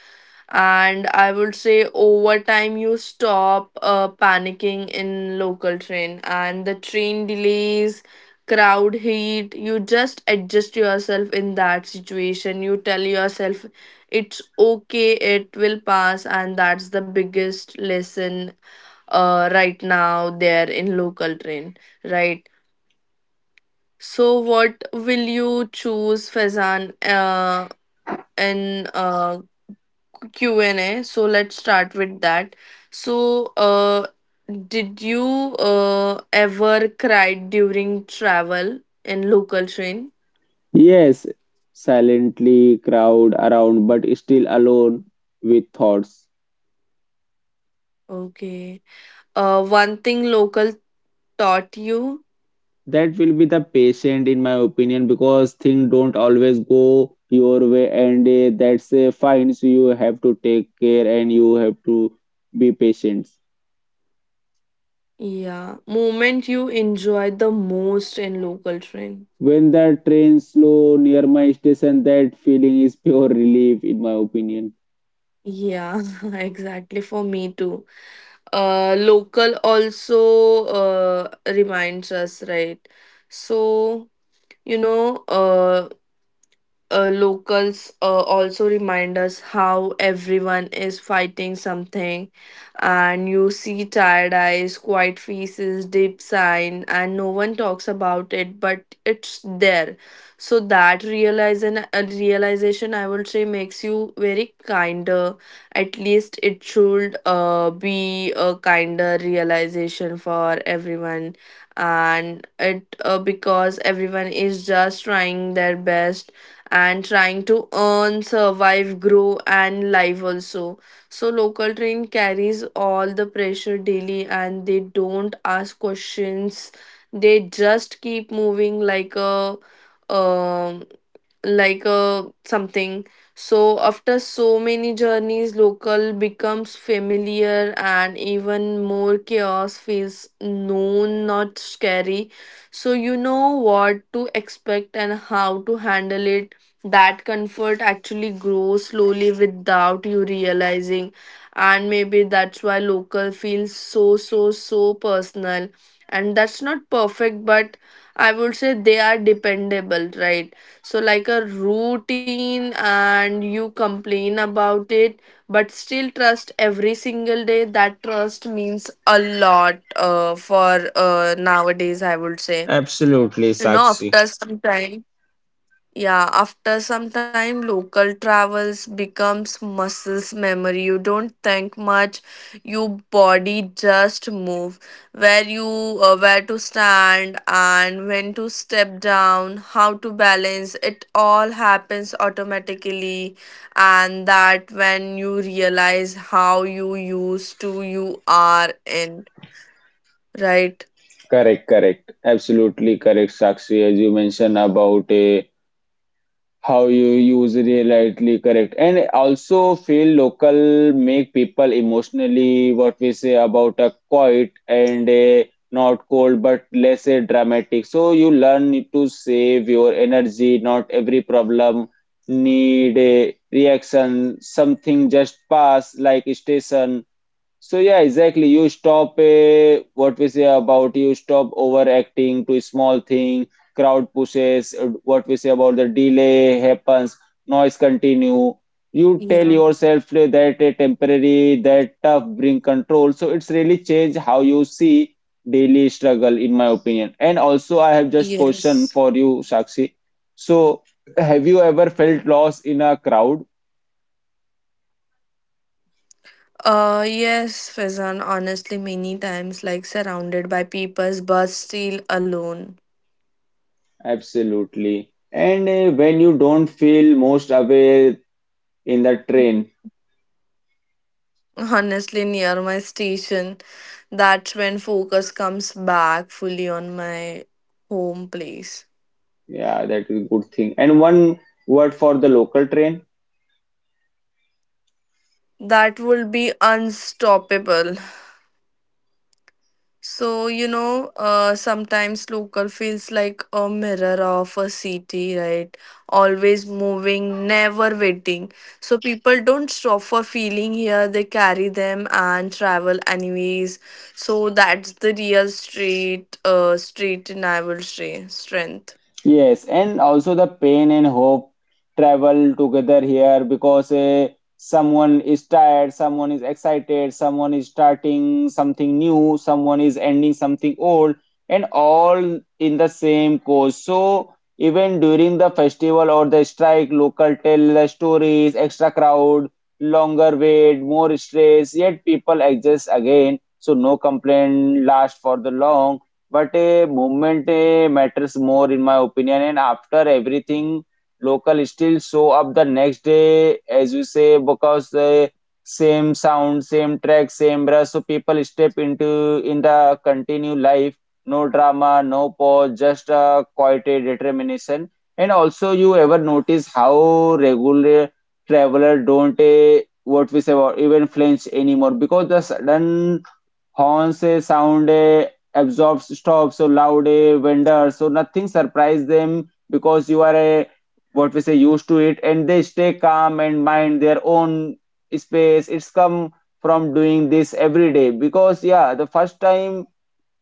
S4: And I would say over time you stop uh, panicking in local train, and the train delays, crowd heat, you just adjust yourself in that situation. You tell yourself it's okay, it will pass, and that's the biggest lesson uh, right now there in local train, right? So, what will you choose, Faizan, uh, in uh, Q and A? So, let's start with that. So, uh, did you uh, ever cried during travel in local train?
S1: Yes, silently crowd around, but still alone with thoughts.
S4: Okay. Uh, one thing local taught you?
S1: That will be the patient, in my opinion, because things don't always go your way, and uh, that's uh, fine. So you have to take care and you have to be patient.
S4: Yeah. Moment you enjoyed the most in local train.
S1: When the train slow near my station, that feeling is pure relief, in my opinion.
S4: Yeah, exactly. For me too. Uh, local also uh, reminds us, right? So you know, uh, uh, locals uh, also remind us how everyone is fighting something, and you see tired eyes, quiet faces, deep sign, and no one talks about it but it's there. So that realization uh, realization, I would say, makes you very kinder, at least it should uh, be a kinder realization for everyone. And it uh, because everyone is just trying their best and trying to earn, survive, grow, and live also. So local train carries all the pressure daily and they don't ask questions. They just keep moving like a um like a something. So after so many journeys, local becomes familiar, and even more chaos feels known, not scary. So you know what to expect and how to handle it. That comfort actually grows slowly without you realizing, and maybe that's why local feels so so so personal. And that's not perfect, but I would say they are dependable, right? So like a routine, and you complain about it but still trust every single day. That trust means a lot uh, for uh, nowadays, I would say.
S1: Absolutely,
S4: You know
S1: Sakshi.
S4: after some time, yeah, after some time, local travels becomes muscles memory. You don't think much, your body just move. Where you, uh, where to stand and when to step down, how to balance, it all happens automatically. And that when you realize how you used to, you are in, right?
S1: Correct, correct. Absolutely correct, Sakshi, as you mentioned about uh, how you use reality, correct. And also feel local make people emotionally what we say about a quiet and a not cold but less a dramatic. So you learn to save your energy, not every problem need a reaction, something just pass like station, so yeah, exactly. You stop uh, what we say about you stop overacting to small thing, crowd pushes, uh, what we say about the delay happens, noise continue. You tell
S4: Yeah.
S1: yourself uh, that a temporary, that tough bring control. So it's really change how you see daily struggle, in my opinion. And also, I have just question
S4: Yes.
S1: for you, Sakshi. So have you ever felt lost in a crowd?
S4: Uh, yes, Faizan, honestly, many times, like surrounded by people's but still alone.
S1: Absolutely. And uh, when you don't feel most aware in the train,
S4: Honestly, near my station, that's when focus comes back fully on my home place.
S1: yeah, that is a good thing. And one word for the local train.
S4: That would be unstoppable. So, you know, uh, sometimes local feels like a mirror of a city, right? Always moving, never waiting. So, people don't stop for feeling here, they carry them and travel anyways. So, that's the real street, uh, street, and I will say strength.
S1: Yes, and also the pain and hope travel together here because uh, someone is tired, someone is excited, someone is starting something new, someone is ending something old, and all in the same course. So even during the festival or the strike, local tell the stories, extra crowd, longer wait, more stress, yet people adjust again. So no complaint lasts for the long but a movement eh, matters more in my opinion. And after everything, local still show up the next day, as you say, because the same sound, same track, same rush. So people step into in the continue life. No drama, no pause, just a quiet eh, determination. And also, you ever notice how regular traveler don't eh, what we say about even flinch anymore because the sudden horns eh, sound eh, absorbs stops so loud eh, vendors so nothing surprise them because you are a what we say used to it, and they stay calm and mind their own space. It's come from doing this every day, because yeah, the first time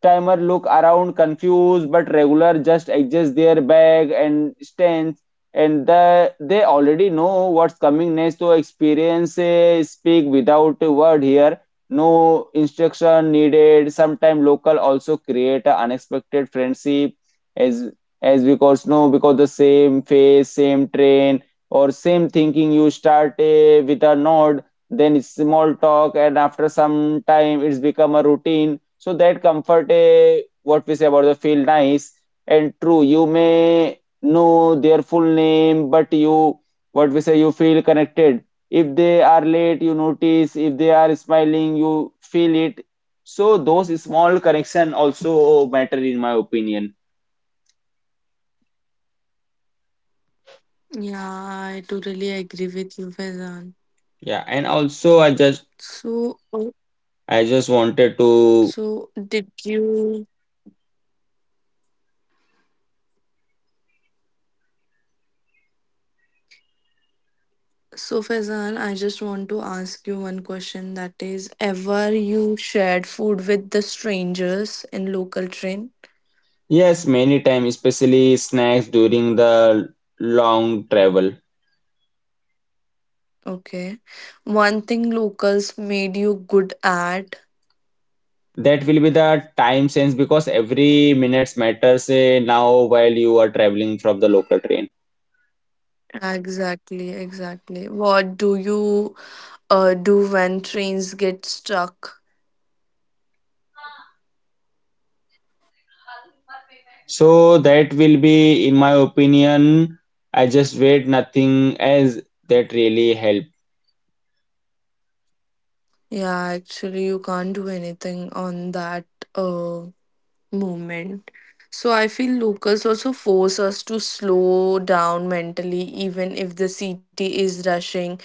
S1: timer look around confused but regular just adjust their bag and stance, and the, they already know what's coming next, so experience eh, speak without a word here, no instruction needed. Sometime local also create a unexpected friendship, as as because no because the same face, same train or same thinking, you start eh, with a nod, then it's small talk, and after some time it's become a routine, so that comfort, eh, what we say about the feel nice and true. You may know their full name, but you, what we say, you feel connected. If they are late, you notice. If they are smiling, you feel it. So those small connection also matter in my opinion.
S4: Yeah, I totally agree with you, Faizan.
S1: Yeah, and also I just
S4: So, oh,
S1: I just wanted to
S4: so did you? So, Faizan, I just want to ask you one question that is, ever you shared food with the strangers in local train?
S1: yes, many times, especially snacks during the long travel.
S4: Okay. One thing locals made you good at.
S1: That will be the time sense because every minutes matters eh, now while you are traveling from the local train.
S4: Exactly, exactly. What do you uh, do when trains get stuck?
S1: So that will be, in my opinion, I just wait nothing as that really help.
S4: Yeah, actually, you can't do anything on that. Uh, Moment, So I feel locals also force us to slow down mentally, even if the city is rushing.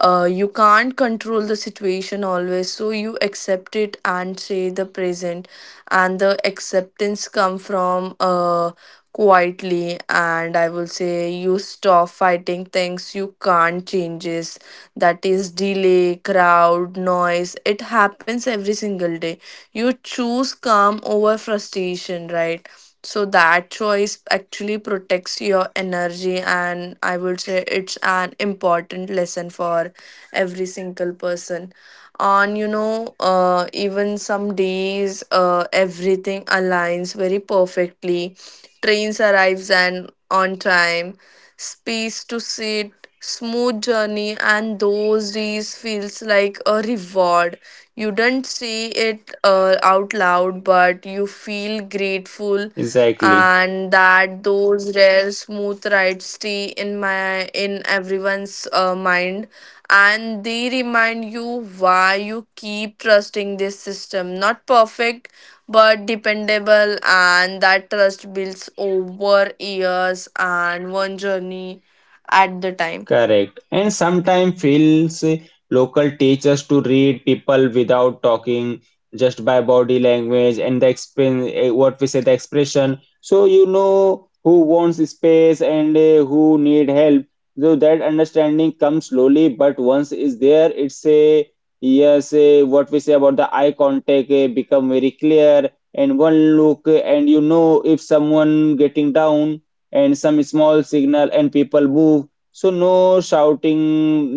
S4: uh, You can't control the situation always, so you accept it and say the present, and the acceptance come from uh, quietly. And I will say you stop fighting things you can't changes, that is delay, crowd, noise, it happens every single day. You choose calm over frustration, right? So that choice actually protects your energy, and I would say it's an important lesson for every single person. And you know, uh, even some days, uh, everything aligns very perfectly. Trains arrives and on time, space to sit, smooth journey, and those days feels like a reward. You don't say it uh, out loud, but you feel grateful.
S1: Exactly.
S4: And that those rare smooth rides stay in my in everyone's uh, mind, and they remind you why you keep trusting this system. Not perfect, but dependable, and that trust builds over years and one journey at the time.
S1: Correct. And sometimes feels eh, local teachers to read people without talking, just by body language and the exp what we say the expression. So you know who wants space and uh, who need help. So that understanding comes slowly, but once is there, it's a yes. A, what we say about the eye contact eh, become very clear, and one look, eh, and you know if someone getting down, and some small signal, and people move, so no shouting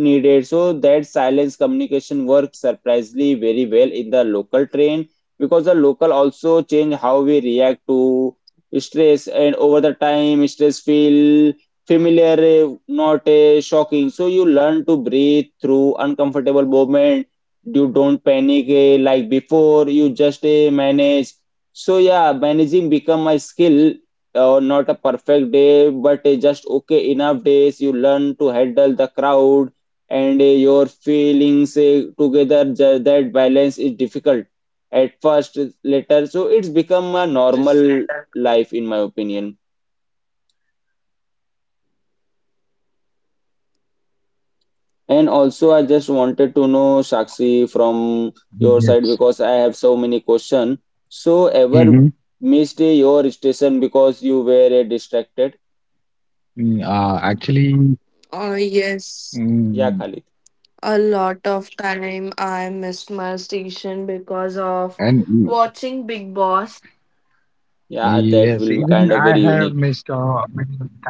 S1: needed. So that silence communication works surprisingly very well in the local train, because the local also change how we react to stress, and over the time stress feel familiar, eh, not eh, shocking. So you learn to breathe through uncomfortable moment. You don't panic eh, like before. You just eh, manage. So yeah, managing become a skill or not a perfect day, but uh, just okay enough days. You learn to handle the crowd and uh, your feelings uh, together. Ju- That balance is difficult at first, later. So it's become a normal life, in my opinion. And also, I just wanted to know, Sakshi, from your
S3: Yes.
S1: side because I have so many questions. So,
S3: Mm-hmm.
S1: ever missed uh, your station because you were uh, distracted?
S3: Uh, actually,
S4: Oh yes,
S1: Yeah,
S3: mm,
S1: Khalid.
S3: yes,
S4: a lot of time I missed my station because of
S3: and y-
S4: watching Big Boss.
S1: Yeah,
S3: yes,
S1: that will be
S3: even
S1: kind
S3: I
S1: of very
S3: have
S1: unique.
S3: missed uh, many times.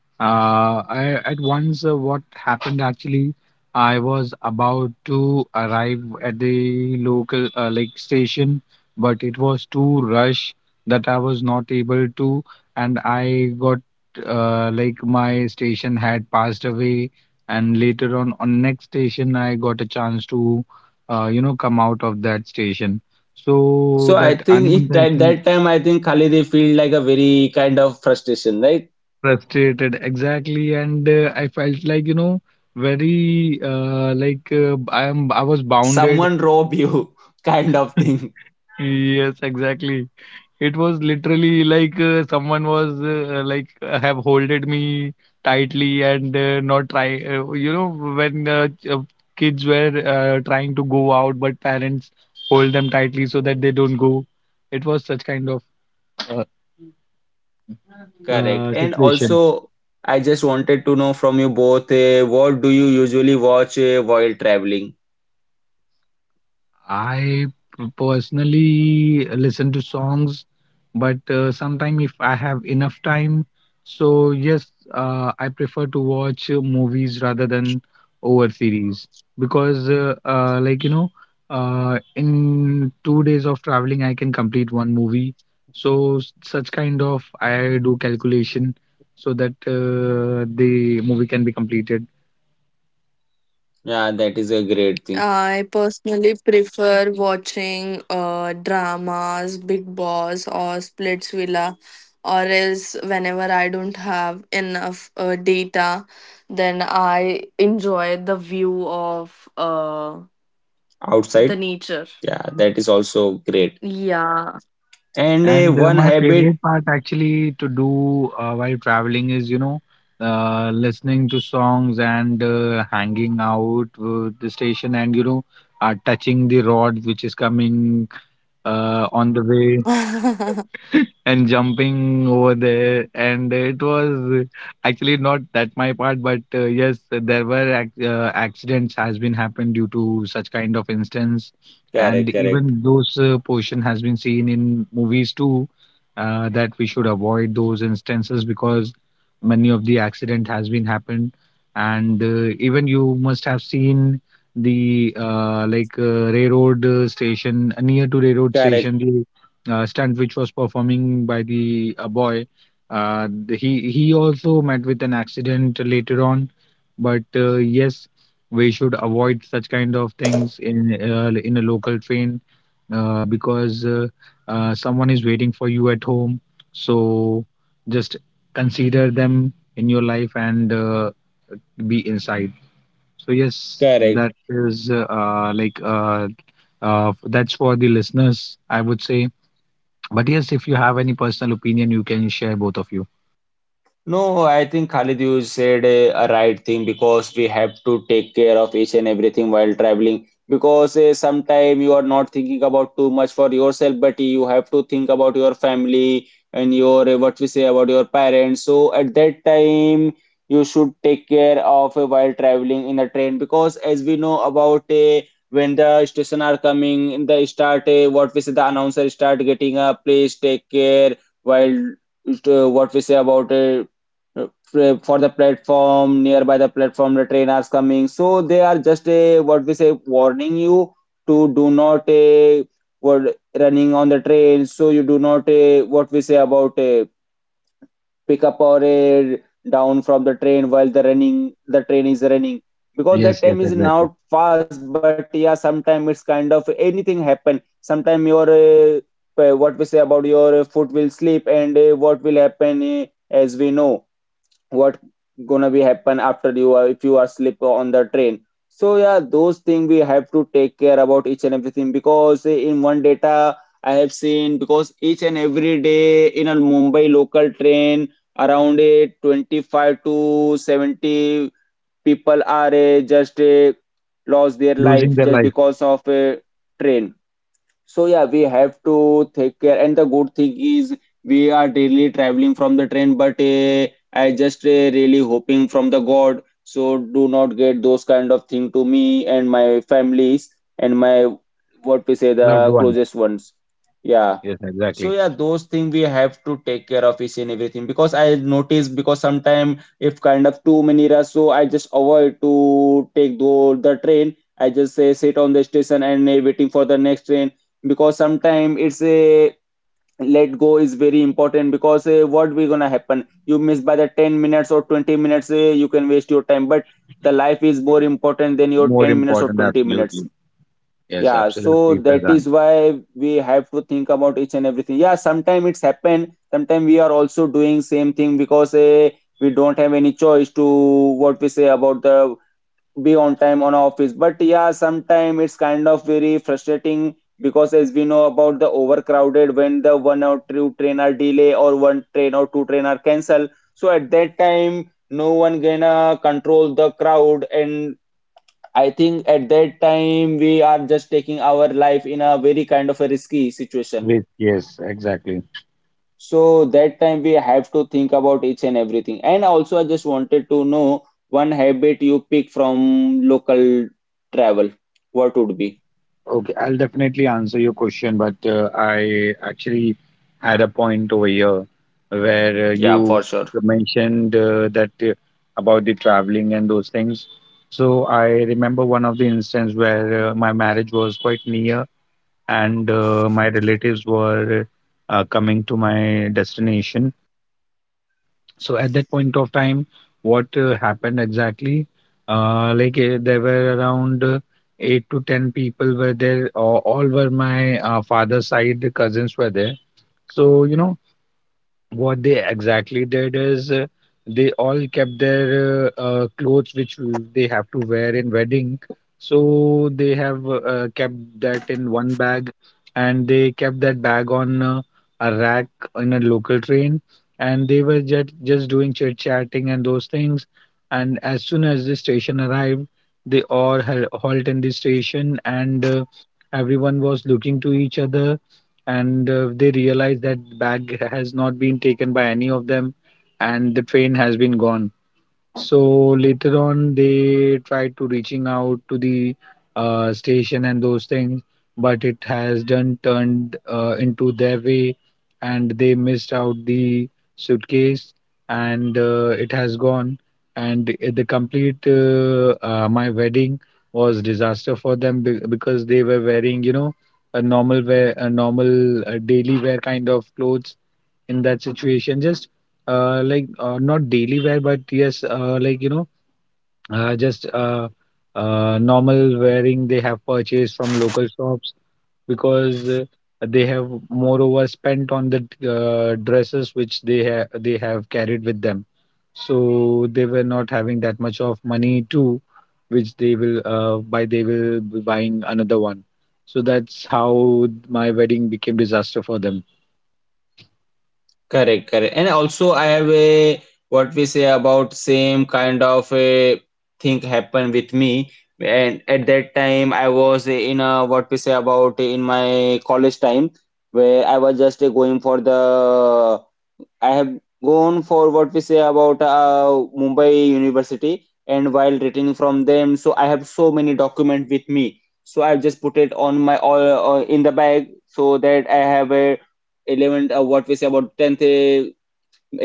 S3: Uh, I, at once, uh, what happened actually, I was about to arrive at the local uh, like station, but it was too rush that I was not able to, and I got, uh, like, my station had passed away, and later on on next station I got a chance to, uh, you know, come out of that station. So
S1: So I
S3: that
S1: think it at
S3: unintentional.
S1: that time I think Khalid they feel like a very kind of frustration, right?
S3: Frustrated, exactly. And uh, I felt like, you know, very, uh, like uh, I am I was bounded.
S1: Someone rob you kind of thing.
S3: Yes, exactly. It was literally like uh, someone was, uh, like uh, have holded me tightly, and uh, not try. Uh, you know, when uh, ch- uh, kids were uh, trying to go out, but parents hold them tightly so that they don't go. It was such kind of uh,
S1: Correct.
S3: uh,
S1: And
S3: situation.
S1: also I just wanted to know from you both uh, what do you usually watch uh, while traveling?
S3: I p- personally listen to songs, but uh, sometime if I have enough time, so yes, uh, I prefer to watch uh, movies rather than over series, because, uh, uh, like you know, uh, in two days of traveling, I can complete one movie. So s- such kind of I do calculation so that uh, the movie can be completed.
S1: Yeah, that is a great thing.
S4: I personally prefer watching uh, dramas, Big Boss, or Splitsvilla, or else whenever I don't have enough uh, data, then I enjoy the view of uh, the
S1: Outside,
S4: nature.
S1: yeah, that is also great.
S4: Yeah.
S1: And uh,
S3: And uh,
S1: one
S3: my
S1: habit,
S3: favorite part actually to do uh, while traveling is, you know, uh, listening to songs and uh, hanging out with the station, and, you know, uh, touching the rod which is coming uh, on the way, and jumping over there. And it was actually not that my part, but uh, yes there were ac- uh, accidents has been happened due to such kind of instance, and
S1: correct, correct,
S3: even those uh, portion has been seen in movies too, uh, that we should avoid those instances because many of the accident has been happened. And uh, even you must have seen the uh, like uh, railroad uh, station uh, near to railroad
S1: correct,
S3: station uh, stunt which was performing by the uh, boy. Uh, th- he he also met with an accident later on, but uh, yes, we should avoid such kind of things in uh, in a local train, uh, because uh, uh, someone is waiting for you at home. So just consider them in your life and uh, be inside. So yes,
S1: correct.
S3: that is uh, uh, like uh, uh, that's for the listeners, I would say. But yes, if you have any personal opinion, you can share, both of you.
S1: No, I think Khalid, you said uh, a right thing because we have to take care of each and everything while traveling. Because uh, sometimes you are not thinking about too much for yourself, but you have to think about your family and your uh, what we say about your parents. So at that time, you should take care of uh, while traveling in a train because as we know about uh, when the station are coming, the start uh, what we say the announcer start getting a please take care while uh, what we say about uh, uh, for the platform nearby the platform the train are coming, so they are just a what we say warning you to do not a what running on the train, so you do not a what we say about a pick up or a down from the train while the running the train is running because that
S3: Yes, yes,
S1: time is
S3: exactly.
S1: not fast, but yeah sometimes it's kind of anything happen, sometimes your uh, uh, what we say about your foot will slip, and uh, what will happen uh, as we know what gonna be happen after you are if you are slip on the train, so yeah those thing we have to take care about each and everything because eh, in one data I have seen because each and every day in a mumbai local train around a twenty-five to seventy people are uh, just uh, lost their
S3: Losing
S1: life
S3: their
S1: just
S3: life,
S1: because of a train, so yeah, we have to take care. And the good thing is we are daily traveling from the train, but uh, I just uh, really hoping from the God. So do not get those kind of thing to me and my families and my what we say
S3: loved
S1: the
S3: ones.
S1: closest ones. Yeah.
S3: Yes,
S1: So
S3: exactly.
S1: yeah, those things we have to take care of each and everything because I notice because sometimes if kind of too many rush, so I just avoid to take the, the train. I just say sit on the station and uh, waiting for the next train because sometimes it's a let go is very important because uh, what we gonna happen? You miss by the ten minutes or twenty minutes, uh, you can waste your time, but the life is more important than your
S3: More
S1: ten minutes or
S3: important,
S1: twenty minutes.
S3: absolutely. Yes,
S1: Yeah, so
S3: absolutely,
S1: that
S3: Faizan.
S1: is why we have to think about each and everything. Yeah, sometimes it's happened. Sometimes we are also doing same thing because eh, we don't have any choice to what we say about the be on time on office. But yeah, sometimes it's kind of very frustrating because as we know about the overcrowded when the one or two train are delay or one train or two train are cancelled. So at that time, no one gonna control the crowd, and I think at that time we are just taking our life in a very kind of a risky situation.
S3: With yes, exactly.
S1: So that time we have to think about each and everything. And also, I just wanted to know one habit you pick from local travel. What would be?
S3: Okay, I'll definitely answer your question, but uh, I actually had a point over here where uh,
S1: Yeah,
S3: you
S1: for sure.
S3: mentioned uh, that uh, about the traveling and those things. So I remember one of the instances where uh, my marriage was quite near, and uh, my relatives were uh, coming to my destination. So at that point of time, what uh, happened exactly? Uh, like, uh, there were around uh, eight to ten people were there. Uh, all were my uh, father's side cousins were there. So you know what they exactly did is, uh, they all kept their uh, uh, clothes which w- they have to wear in wedding, so they have uh, uh, kept that in one bag, and they kept that bag on uh, a rack in a local train, and they were just just doing chit chatting and those things. And as soon as the station arrived, they all hal- halt in the station, and uh, everyone was looking to each other, and uh, they realize that bag has not been taken by any of them, and the train has been gone. So later on, they tried to reaching out to the uh, station and those things, but it has done turned uh, into their way, and they missed out the suitcase, and uh, it has gone, and i- the complete uh, uh, my wedding was disaster for them, be- because they were wearing, you know, a normal wear a normal uh, daily wear kind of clothes in that situation. Just, uh, like, uh, not daily wear, but yes, uh, like, you know, uh, just uh, uh, normal wearing they have purchased from local shops, because uh, they have moreover spent on the uh, dresses which they ha- they have carried with them. So they were not having that much of money too, which they will uh, buy. They will be buying another one. So that's how my wedding became disaster for them.
S1: Correct, correct. And also I have a what we say about same kind of a thing happen with me. And at that time I was in a what we say about in my college time where I was just going for the I have gone for what we say about uh, Mumbai University, and while returning from them, so I have so many document with me. So I've just put it on my all uh, in the bag so that I have a eleven uh, what we say about tenth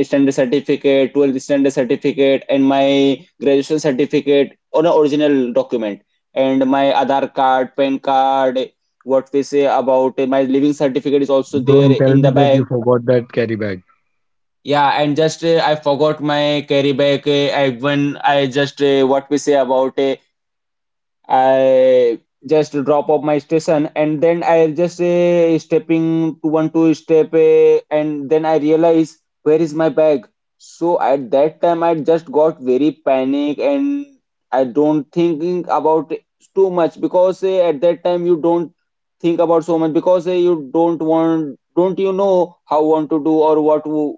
S1: standard certificate, twelfth standard certificate, and my graduation certificate on an original document, and my Aadhaar card, PAN card. What we say about uh, my living certificate is also there
S3: Don't tell
S1: in
S3: me
S1: the
S3: that you
S1: bag,
S3: forgot that carry bag.
S1: yeah, and just uh, I forgot my carry bag. Uh, I when I just uh, what we say about uh, I just drop off my station and then I just say stepping to one two step eh, and then I realize where is my bag. So at that time I just got very panic and I don't thinking about it too much because eh, at that time you don't think about so much because eh, you don't want don't you know how want to do or what to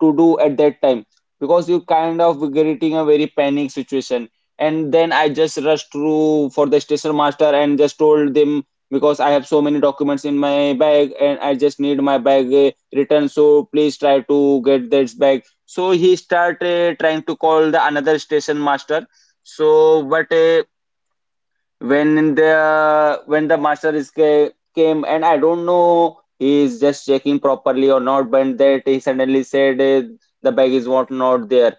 S1: to do at that time because you kind of getting a very panic situation. And then I just rushed through for the station master and just told them because I have so many documents in my bag and I just need my bag uh, returned. So please try to get this bag. So he started trying to call the another station master. So but uh, when the when the master is ca- came and I don't know he is just checking properly or not but that he suddenly said, uh, the bag is what not there.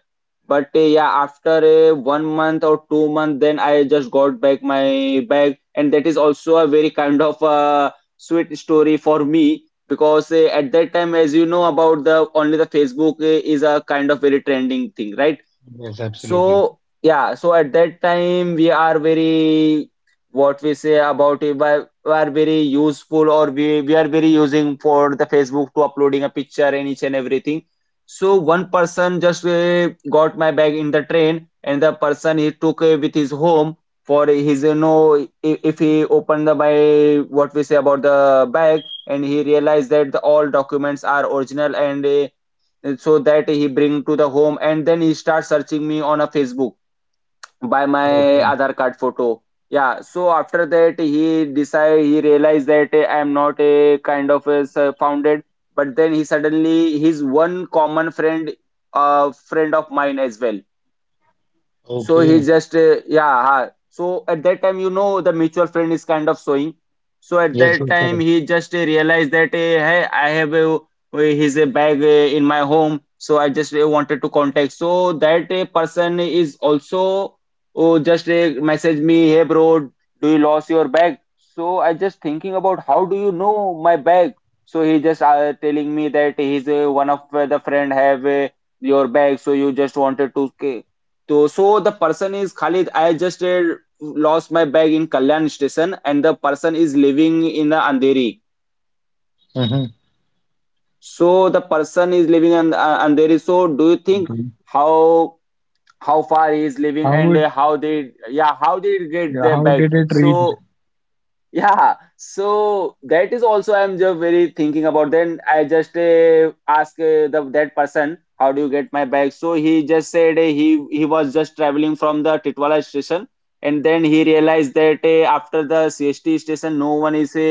S1: But uh, yeah, after uh, one month or two months, then I just got back my bag, and that is also a very kind of uh, sweet story for me, because uh, at that time, as you know, about the only the Facebook uh, is a kind of very trending thing, right?
S3: Yes, absolutely.
S1: So yeah, so at that time we are very what we say about it, we are we are very useful or we, we are very using for the Facebook to uploading a picture and each and everything. So one person just uh, got my bag in the train, and the person he took uh, with his home for his you know. If, if he opened the my what we say about the bag, and he realized that the, all documents are original, and uh, so that he bring to the home, and then he start searching me on a Facebook by my
S3: Okay.
S1: aadhar card photo. Yeah, so after that he decide he realized that I am not a kind of a s- founded. But then he suddenly his one common friend, a friend of mine as well. So he
S3: Okay.
S1: just, uh, yeah. Ha. So at that time, you know, the mutual friend is kind of showing. So at
S3: Yes,
S1: that
S3: you're
S1: time,
S3: correct.
S1: he just uh, realized that, uh, hey, I have a, uh, his uh, bag uh, in my home. So I just uh, wanted to contact. So that uh, person is also oh, just uh, message me, hey bro, do you lost your bag? So I just thinking about, how do you know my bag? So he just uh, telling me that he's uh, one of uh, the friend have uh, your bag. So you just wanted to. Uh, so, so the person is Khalid. I just uh, lost my bag in Kalyan station, and the person is living in the Andheri.
S3: Mhm.
S1: So the person is living in uh, Andheri. So do you think
S3: Okay.
S1: how how far he is living,
S3: How it,
S1: and uh, how they, yeah, how they get their
S3: how did
S1: bag?
S3: it reach?
S1: So yeah, so that is also I'm just very thinking about. Then I just uh, ask uh, the that person, how do you get my bag? So he just said, uh, he he was just traveling from the Titwala station, and then he realized that uh, after the C S T station, no one is uh,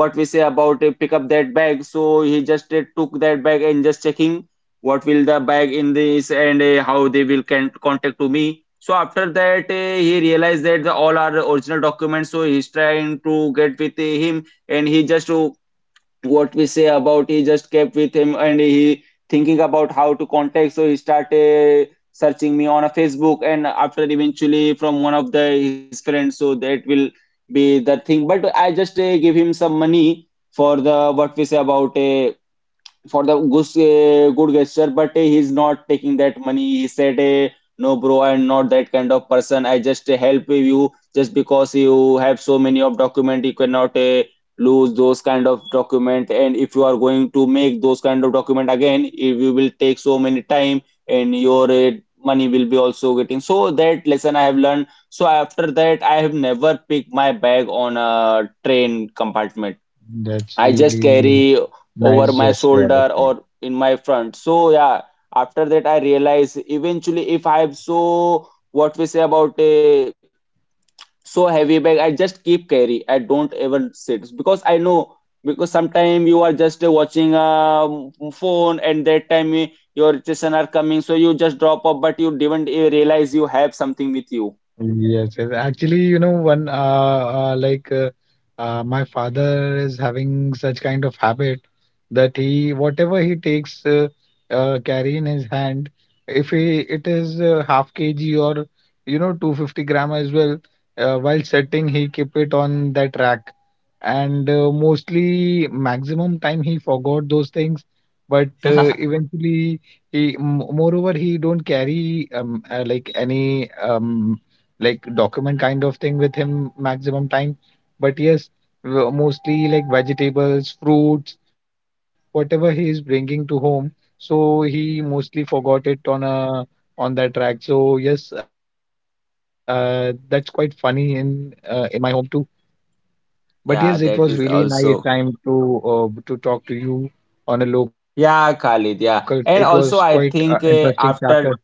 S1: what we say about uh, pick up that bag. So he just uh, took that bag and just checking what will the bag in this, and uh, how they will can contact to me. So after that uh, he realized that the, all are original documents, so he's trying to get with uh, him, and he just to what we say about he just kept with him. And he thinking about how to contact, so he started uh, searching me on a Facebook, and after eventually from one of the his friends, so that will be the thing. But I just uh, give him some money for the what we say about a for the good, uh, good gesture, but uh, he's not taking that money. He said, eh, "No, bro, I'm not that kind of person. I just eh, help you just because you have so many of document. You cannot uh, lose those kind of document. And if you are going to make those kind of document again, it will will take so many time, and your uh, money will be also getting." So that lesson I have learned. So after that, I have never picked my bag on a train compartment.
S3: That's
S1: I
S3: really
S1: just carry
S3: nice
S1: over my
S3: gesture, I would
S1: shoulder
S3: say.
S1: or in my front. So yeah, after that I realize eventually if I have so what we say about a so heavy bag, I just keep carry. I don't ever sit because I know, because sometimes you are just uh, watching a phone, and that time eh, your children are coming, so you just drop up, but you didn't eh, realize you have something with you.
S3: Yes, yes. Actually, you know, one uh, uh like uh, uh, my father is having such kind of habit that he, whatever he takes uh, uh, carry in his hand, if he it is uh, half kilograms or you know two hundred fifty gram as well, uh, while setting he keep it on that rack, and uh, mostly maximum time he forgot those things, but uh, eventually he m- moreover he don't carry um, uh, like any um, like document kind of thing with him maximum time. But yes, w- mostly like vegetables, fruits, whatever he is bringing to home. So he mostly forgot it on a on that track. So yes, uh, that's quite funny in uh, in my home too. But yes, it was
S1: Yeah,
S3: really
S1: that is
S3: nice time
S1: also.
S3: to uh, to talk to you on a local train.
S1: Yeah,
S3: It
S1: Khalid.
S3: was
S1: Yeah, and
S3: quite uh,
S1: also I
S3: interesting
S1: think
S3: chapter.
S1: uh, after,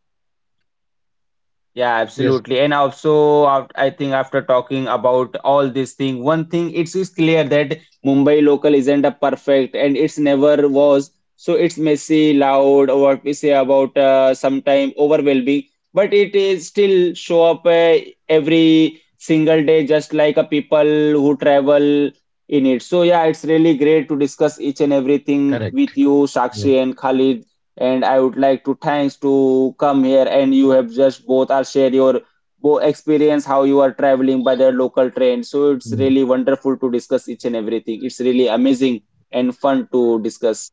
S1: yeah,
S3: Yes,
S1: absolutely. And also, af- I think after talking about all this thing, one thing it's is clear that Mumbai local isn't a perfect, and it's never was. So it's messy, loud, or what we say about uh, sometime overwhelming. But it is still show up uh, every single day, just like a people who travel in it. So yeah, it's really great to
S3: correct.
S1: discuss each and
S3: Yeah.
S1: everything with you, Sakshi and Khalid, and I would like to thanks to come here, and you have just both are share your bo experience how you are traveling by the local train. So it's really wonderful to discuss each and everything. It's really amazing and fun to discuss.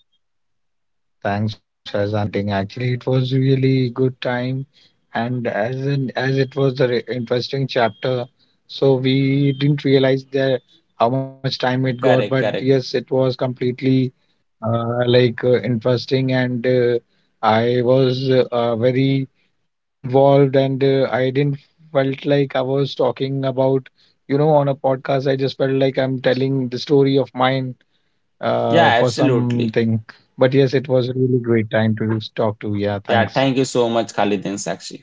S3: Thanks, Faizan, for inviting. Actually, it was really good time, and as an as it was an interesting chapter, so we didn't realize that how much time it got. But yes, it was
S1: Correct,
S3: completely,
S1: correct.
S3: uh, like, uh, interesting, and uh, I was uh, uh, very uh, involved, and uh, I didn't felt like I was talking about, you know, on a podcast. I just felt like I'm telling the story of mine uh, for something.
S1: Yeah,
S3: But yes, it was a
S1: absolutely.
S3: really great time to talk to. Yeah, thanks.
S1: Yeah, thank you so much, Khalid and Sakshi.